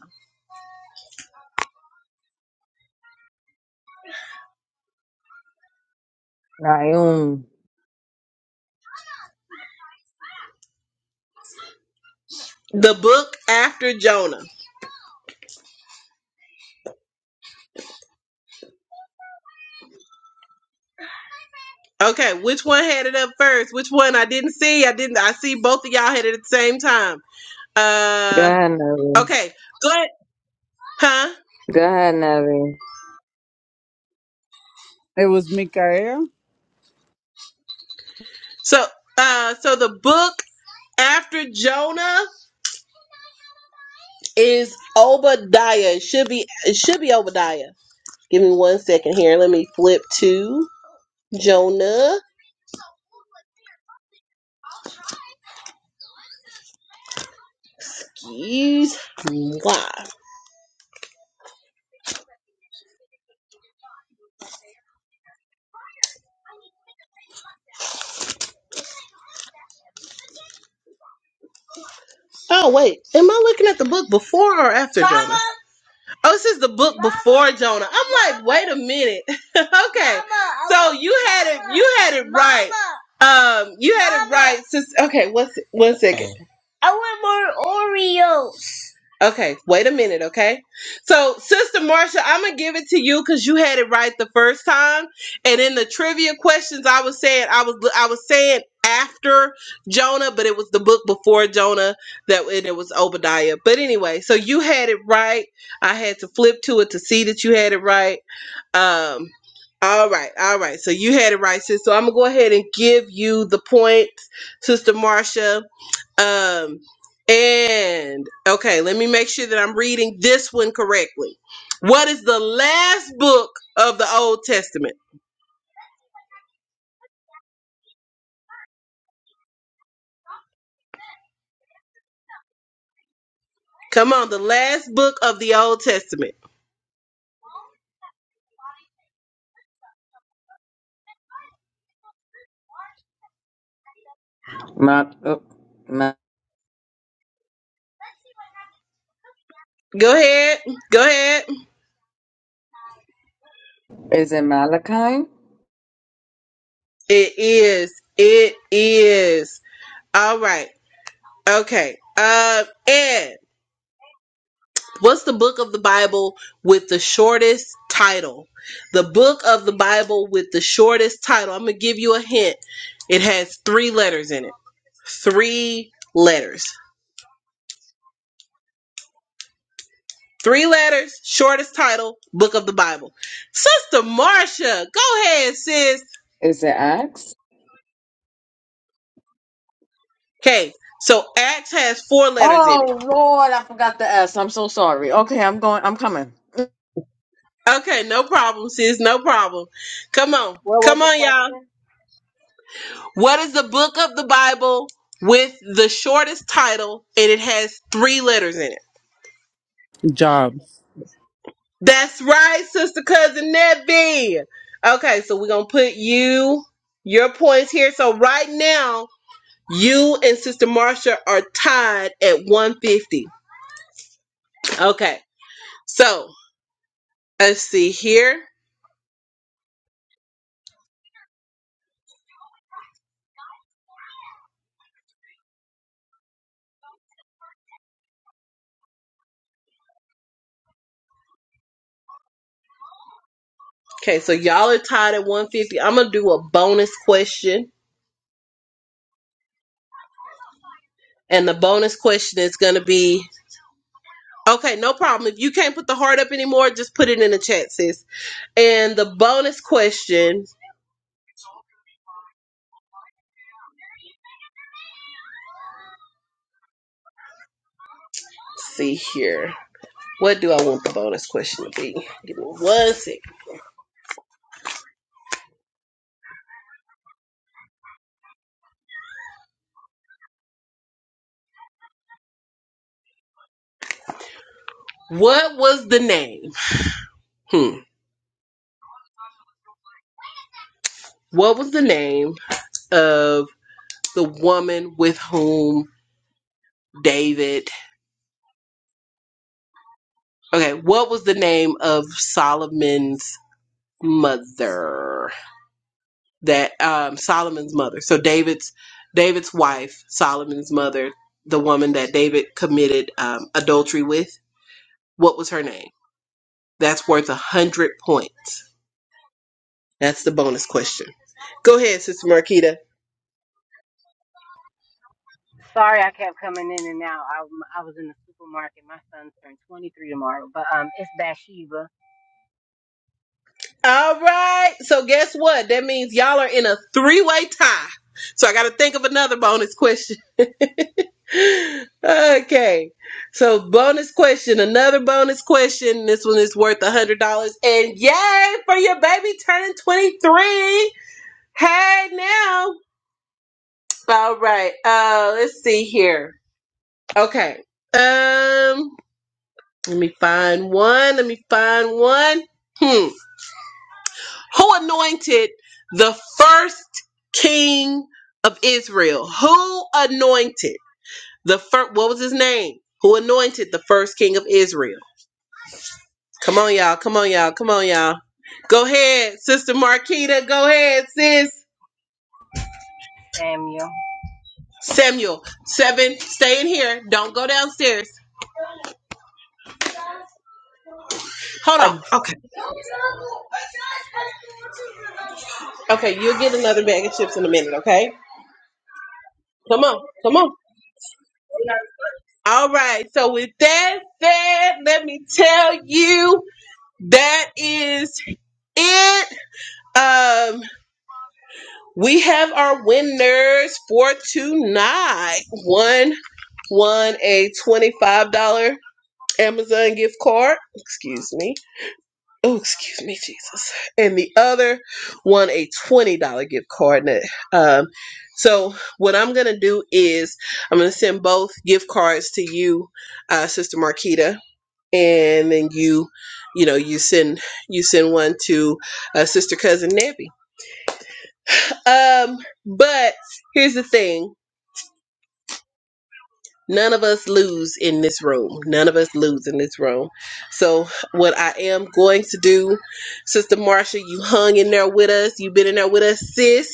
[SPEAKER 4] Nahum.
[SPEAKER 1] The book after Jonah. Okay, which one had it up first? Which one I didn't see? I didn't I see both of y'all had it at the same time.
[SPEAKER 4] Go
[SPEAKER 1] Uh
[SPEAKER 4] ahead, Navi.
[SPEAKER 1] okay. Good. Huh?
[SPEAKER 4] Go ahead, Navi.
[SPEAKER 6] It was Mikael.
[SPEAKER 1] So uh so the book after Jonah is Obadiah. It should be it should be Obadiah. Give me one second here. Let me flip to Jonah Keys. Why? Oh wait, am I looking at the book before or after Mama, Jonah? Oh, this is the book Mama, before Jonah. I'm like, wait a minute. okay, Mama, so you had it, you had it Mama, right. Um, you had Mama. it right. Since okay, what's one second? Okay, wait a minute, okay? So, Sister Marcia, I'm going to give it to you cuz you had it right the first time. And in the trivia questions, I was saying I was I was saying after Jonah, but it was the book before Jonah that and it was Obadiah. But anyway, so you had it right. I had to flip to it to see that you had it right. Um all right, all right. So you had it right, sis. So I'm gonna go ahead and give you the points, Sister Marcia. Um, and okay, let me make sure that I'm reading this one correctly. What is the last book of the Old Testament? Come on, the last book of the Old Testament.
[SPEAKER 4] Ma- oh, Ma-
[SPEAKER 1] Go ahead. Go ahead.
[SPEAKER 4] is it Malachi?
[SPEAKER 1] It is. It is. All right. Okay. Um, Ed. What's the book of the Bible with the shortest title? The book of the Bible with the shortest title. I'm going to give you a hint. It has three letters in it. Three letters. Three letters, shortest title, book of the Bible. Sister Marcia, go ahead, sis.
[SPEAKER 4] Is it Acts?
[SPEAKER 1] Okay, so Acts has four letters in it.
[SPEAKER 4] Oh Lord, I forgot the S. I'm so sorry. Okay, I'm going. I'm coming. We
[SPEAKER 1] Okay, no problem, sis, no problem. Come on,
[SPEAKER 5] What was
[SPEAKER 1] come
[SPEAKER 5] the
[SPEAKER 1] on, y'all.
[SPEAKER 5] question?
[SPEAKER 1] What is the book of the Bible with the shortest title and it has three letters in it?
[SPEAKER 6] Job.
[SPEAKER 1] That's right, sister cousin Nebby. Okay, so we're gonna put you your points here. So right now, you and Sister Marcia are tied at 150. Okay, so let's see here. Okay, so y'all are tied at 150. I'm gonna do a bonus question, and the bonus question is gonna be okay, no problem. If you can't put the heart up anymore, just put it in the chat, sis And the bonus question, let's see here. What do I want the bonus question to be? Give me one second. What was the name? Hmm. What was the name of the woman with whom David? Okay, what was the name of Solomon's mother? That um Solomon's mother. So David's David's wife, Solomon's mother, the woman that David committed um, adultery with. What was her name? That's worth a hundred points. That's the bonus question. Go ahead, Sister Marquita.
[SPEAKER 5] Sorry, I kept coming in and out. I I was in the supermarket. My son turned 23 tomorrow, but um, it's Bathsheba
[SPEAKER 1] All right. So guess what? That means y'all are in a three-way tie. So I got to think of another bonus question. okay. So bonus question, another bonus question. This one is worth a hundred dollars. And yay for your baby turning twenty-three. Hey now. All right. Uh, let's see here. Okay. Um. Let me find one. Let me find one. Hmm. Who anointed the first king of Israel? Who anointed the first? What was his name? Who anointed the first king of Israel? Come on, y'all. Come on, y'all. Come on, y'all. Go ahead, Sister Marquita. Go ahead, sis.
[SPEAKER 5] Samuel.
[SPEAKER 1] Samuel, seven. Stay in here. Don't go downstairs. Hold on. Okay. Okay. You'll get another bag of chips in a minute. Okay. Come on. Come on. All right. So with that said, let me tell you that is it. Um, we have our winners for tonight. One won a twenty-five dollar Amazon gift card. Excuse me. Oh, excuse me, Jesus. And the other won a twenty dollar gift card. And, Um, so what I'm gonna do is I'm gonna send both gift cards to you, uh, Sister Marquita and then you you know you send you send one to uh, sister cousin Nebby. Um, but here's the thing: none of us lose in this room. None of us lose in this room. So what I am going to do, Sister Marcia, you hung in there with us. You've been in there with us, sis.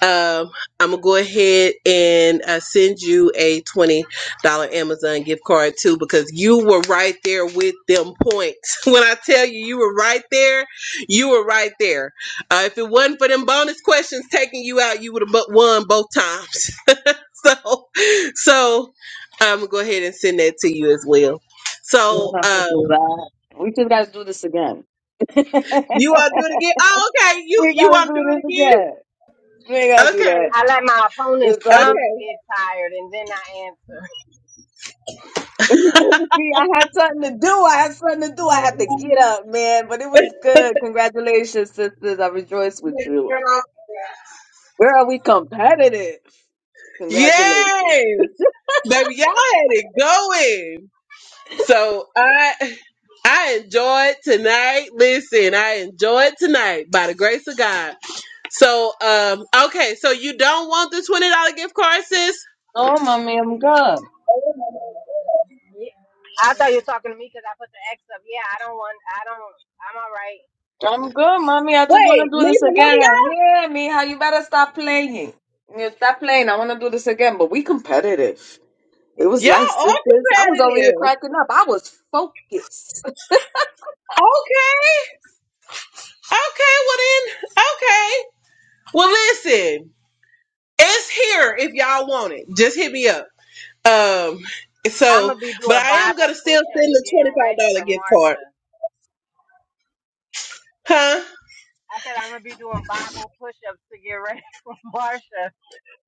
[SPEAKER 1] Um, I'm gonna go ahead and uh, send you a twenty dollar Amazon gift card too, because you were right there with them points. When I tell you, you were right there. You were right there. Uh, if it wasn't for them bonus questions taking you out, you would have won both times. So, so I'm gonna go ahead and send that to you as well.
[SPEAKER 4] don't
[SPEAKER 1] So,
[SPEAKER 4] have to
[SPEAKER 1] uh,
[SPEAKER 4] do that. We just gotta do this again. we gotta
[SPEAKER 1] you want to do it again? Oh, okay. You you want to
[SPEAKER 4] do
[SPEAKER 1] do
[SPEAKER 4] this
[SPEAKER 1] it
[SPEAKER 4] again. We
[SPEAKER 1] again?
[SPEAKER 4] gotta do that.
[SPEAKER 5] I let my
[SPEAKER 4] This
[SPEAKER 5] opponent's
[SPEAKER 1] Okay,
[SPEAKER 4] Sunday.
[SPEAKER 5] thumbs get tired, and then I answer.
[SPEAKER 4] See, I had something to do. I had something to do. I had to get up, man. But it was
[SPEAKER 1] okay.
[SPEAKER 4] good. Congratulations, sisters. I rejoice with you. Girl, we competitive. Congratulations.
[SPEAKER 1] Yes. Baby, y'all had it going. So I I enjoyed tonight. Listen, I enjoyed tonight by the grace of God. So um okay, so you don't want the twenty dollar gift card, sis?
[SPEAKER 4] Oh, mommy, I'm good.
[SPEAKER 5] Yeah. I thought you were talking to me because I put the X up. Yeah, I don't want. I don't. I'm all right.
[SPEAKER 4] I'm good, mommy. I just
[SPEAKER 1] Wait,
[SPEAKER 4] want to do this
[SPEAKER 1] neither one
[SPEAKER 4] again.
[SPEAKER 1] of
[SPEAKER 4] Yeah, Mija, you better stop playing. Yeah, stop playing. I want to do this again, but we competitive. It was
[SPEAKER 1] y'all
[SPEAKER 4] nice,
[SPEAKER 1] y'all are
[SPEAKER 4] sisters. I was over here
[SPEAKER 1] competitive.
[SPEAKER 4] cracking up. I was focused.
[SPEAKER 1] Okay. Okay, well then okay. Well listen, it's here if y'all want it. Just hit me up. Um
[SPEAKER 5] I'm gonna
[SPEAKER 1] so
[SPEAKER 5] be
[SPEAKER 1] but
[SPEAKER 5] doing
[SPEAKER 1] I am
[SPEAKER 5] Bible
[SPEAKER 1] gonna still send
[SPEAKER 5] push-ups,
[SPEAKER 1] the
[SPEAKER 5] getting
[SPEAKER 1] twenty five
[SPEAKER 5] ready for
[SPEAKER 1] dollar gift card.
[SPEAKER 5] Marsha.
[SPEAKER 1] Huh?
[SPEAKER 5] I said I'm gonna be doing Bible push-ups to get ready for Marsha.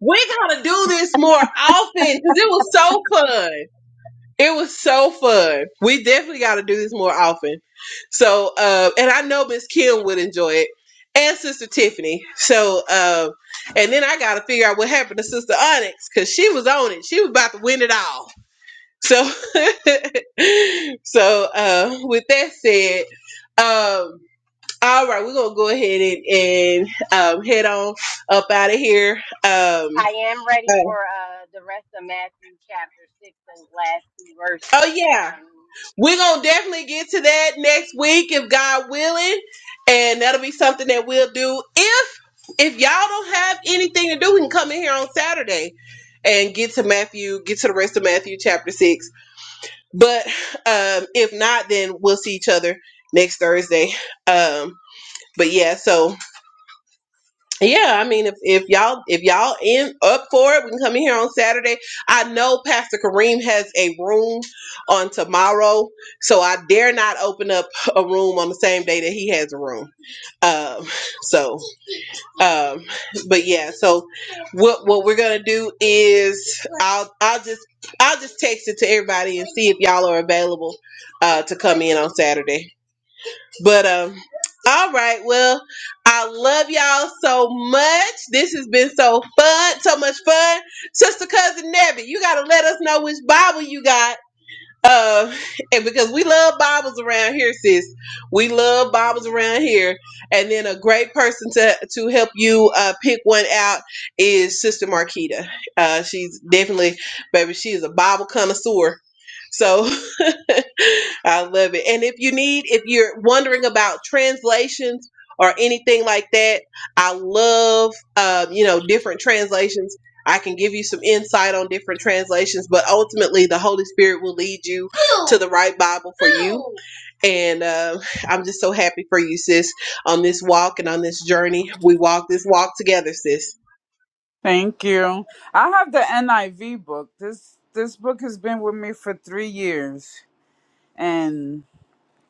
[SPEAKER 1] We're gonna do this more often because it was so fun. It was so fun. We definitely gotta do this more often. So uh and I know Miss Kim would enjoy it. And Sister Tiffany. So uh, and then I gotta figure out what happened to Sister Onyx because she was on it. She was about to win it all. So so uh with that said, um all right, we're gonna go ahead and, and um, head on up out of here. Um,
[SPEAKER 5] I am
[SPEAKER 1] uh,
[SPEAKER 5] ready for uh, the rest of Matthew chapter 6, those last two verses.
[SPEAKER 1] Oh yeah,
[SPEAKER 5] Um,
[SPEAKER 1] we're gonna definitely get to that next week if God willing, and that'll be something that we'll do. If if y'all don't have anything to do, we can come in here on Saturday and get to Matthew, get to the rest of Matthew chapter six. But um, if not, then we'll see each other next Thursday. Um, but yeah, so yeah, I mean, if, if y'all if y'all in up for it, we can come in here on Saturday. I know Pastor Kareem has a room on tomorrow, so I dare not open up a room on the same day that he has a room. Um, so, um, but yeah, so what what we're gonna do is I'll I'll just I'll just text it to everybody and see if y'all are available uh, to come in on Saturday. But um, all right. Well, I love y'all so much. This has been so fun, so much fun, sister cousin Nebby. You gotta let us know which Bible you got. Uh, and because we love Bibles around here, sis, we love Bibles around here. And then a great person to to help you uh, pick one out is Sister Marquita. Uh, she's definitely, baby, she is a Bible connoisseur. So I love it. And if you need, if you're wondering about translations or anything like that, I love, um, you know, different translations. I can give you some insight on different translations, but ultimately the Holy Spirit will lead you to the right Bible for you. And uh, I'm just so happy for you, sis, on this walk and on this journey. We walk this walk together, sis.
[SPEAKER 6] Thank you. I have the NIV book. This this book has been with me for three years, and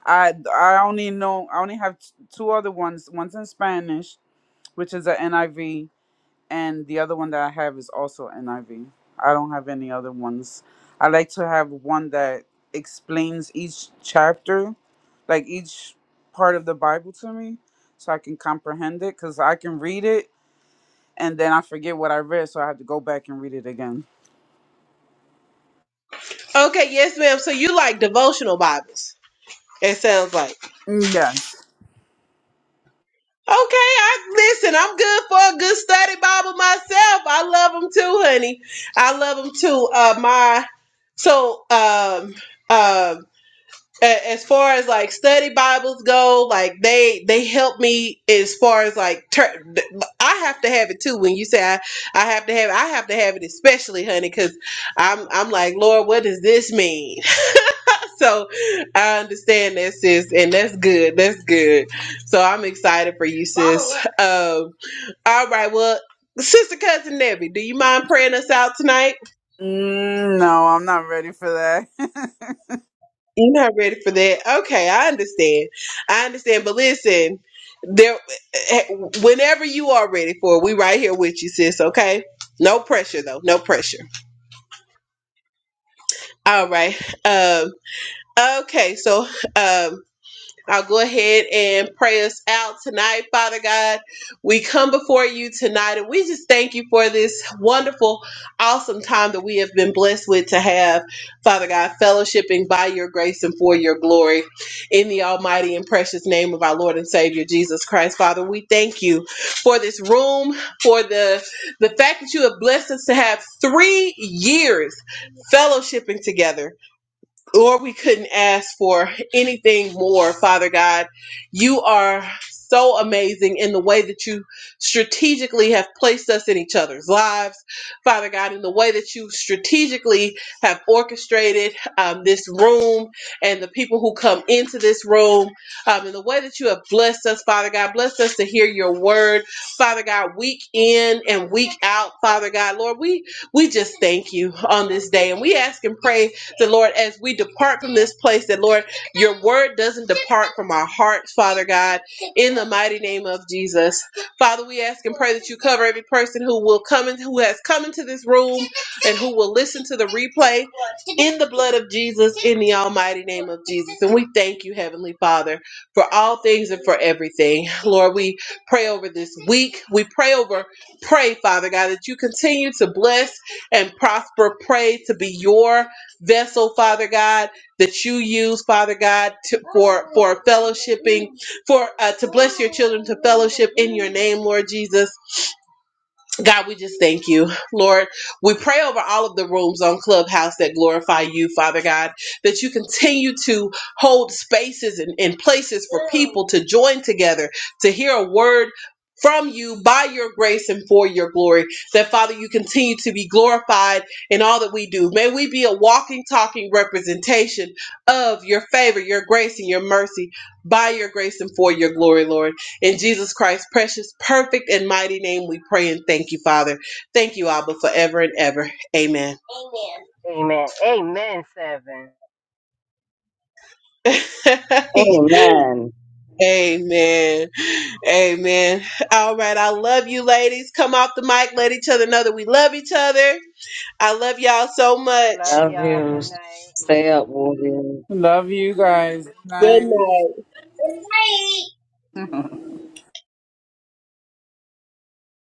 [SPEAKER 6] I I only know I only have t- two other ones. One's in Spanish, which is a NIV, and the other one that I have is also NIV. I V. I don't have any other ones. I like to have one that explains each chapter, like each part of the Bible to me, so I can comprehend it. Cause I can read it and then I forget what I read, so I have to go back and read it again.
[SPEAKER 1] Okay, yes, ma'am. So you like devotional Bibles? It sounds like.
[SPEAKER 6] Yes.
[SPEAKER 1] Okay, I listen. I'm good for a good study Bible myself. I love them too, honey. I love them too. Uh, my so um um a- as far as like study Bibles go, like they they help me as far as like tur- I have to have it too. When you say I, I have to have it, I have to have it especially, honey, because I'm I'm like Lord, what does this mean? so I understand that, sis, and that's good. That's good. So I'm excited for you, sis. Um, all right, well, sister cousin Nebby, do you mind praying us out tonight?
[SPEAKER 6] Mm, No, I'm not ready for that.
[SPEAKER 1] You're not ready for that. Okay, I understand. I understand, but listen, there eh, whenever you are ready for it, we right here with you, sis, okay? No pressure though, no pressure. All right. Um okay, so um I'll go ahead and pray us out tonight, Father God. We come before you tonight and we just thank you for this wonderful, awesome time that we have been blessed with to have, Father God, fellowshipping by your grace and for your glory in the almighty and precious name of our Lord and Savior Jesus Christ. Father, we thank you for this room, for the the fact that you have blessed us to have 3 years fellowshipping together Lord, we couldn't ask for anything more, Father God. You are so amazing in the way that you strategically have placed us in each other's lives, Father God, in the way that you strategically have orchestrated um, this room and the people who come into this room, um, in the way that you have blessed us, Father God. Bless us to hear your word, Father God, week in and week out, Father God. Lord, we, we just thank you on this day and we ask and pray the Lord, as we depart from this place, that Lord, your word doesn't depart from our hearts, Father God, in the mighty name of Jesus. Father, we ask and pray that you cover every person who will come in, who has come into this room and who will listen to the replay in the blood of Jesus, in the almighty name of Jesus. And we thank you, Heavenly Father, for all things and for everything. Lord, we pray over this week. We pray over, pray, Father God, that you continue to bless and prosper. Pray to be your vessel, Father God, that you use, Father God, to, for for fellowshipping, for uh, to bless your children to fellowship in your name, Lord Jesus. God, we just thank you. Lord, we pray over all of the rooms on Clubhouse that glorify you, Father God, that you continue to hold spaces and, and places for people to join together to hear a word from you by your grace and for your glory. That, Father, you continue to be glorified in all that we do. May we be a walking, talking representation of your favor, your grace, and your mercy by your grace and for your glory, Lord. In Jesus Christ's precious, perfect, and mighty name, we pray and thank you, Father. Thank you, Abba, forever and ever. Amen.
[SPEAKER 5] amen. Amen, 7.
[SPEAKER 4] Amen.
[SPEAKER 1] Amen. Amen. All right. I love you, ladies. Come off the mic. Let each other know that we love each other. I love y'all so much.
[SPEAKER 5] Love
[SPEAKER 4] Love
[SPEAKER 5] y'all.
[SPEAKER 4] you.
[SPEAKER 5] Good night.
[SPEAKER 4] Stay up, Wolverine.
[SPEAKER 6] Love you guys.
[SPEAKER 1] Good
[SPEAKER 6] Night.
[SPEAKER 1] night.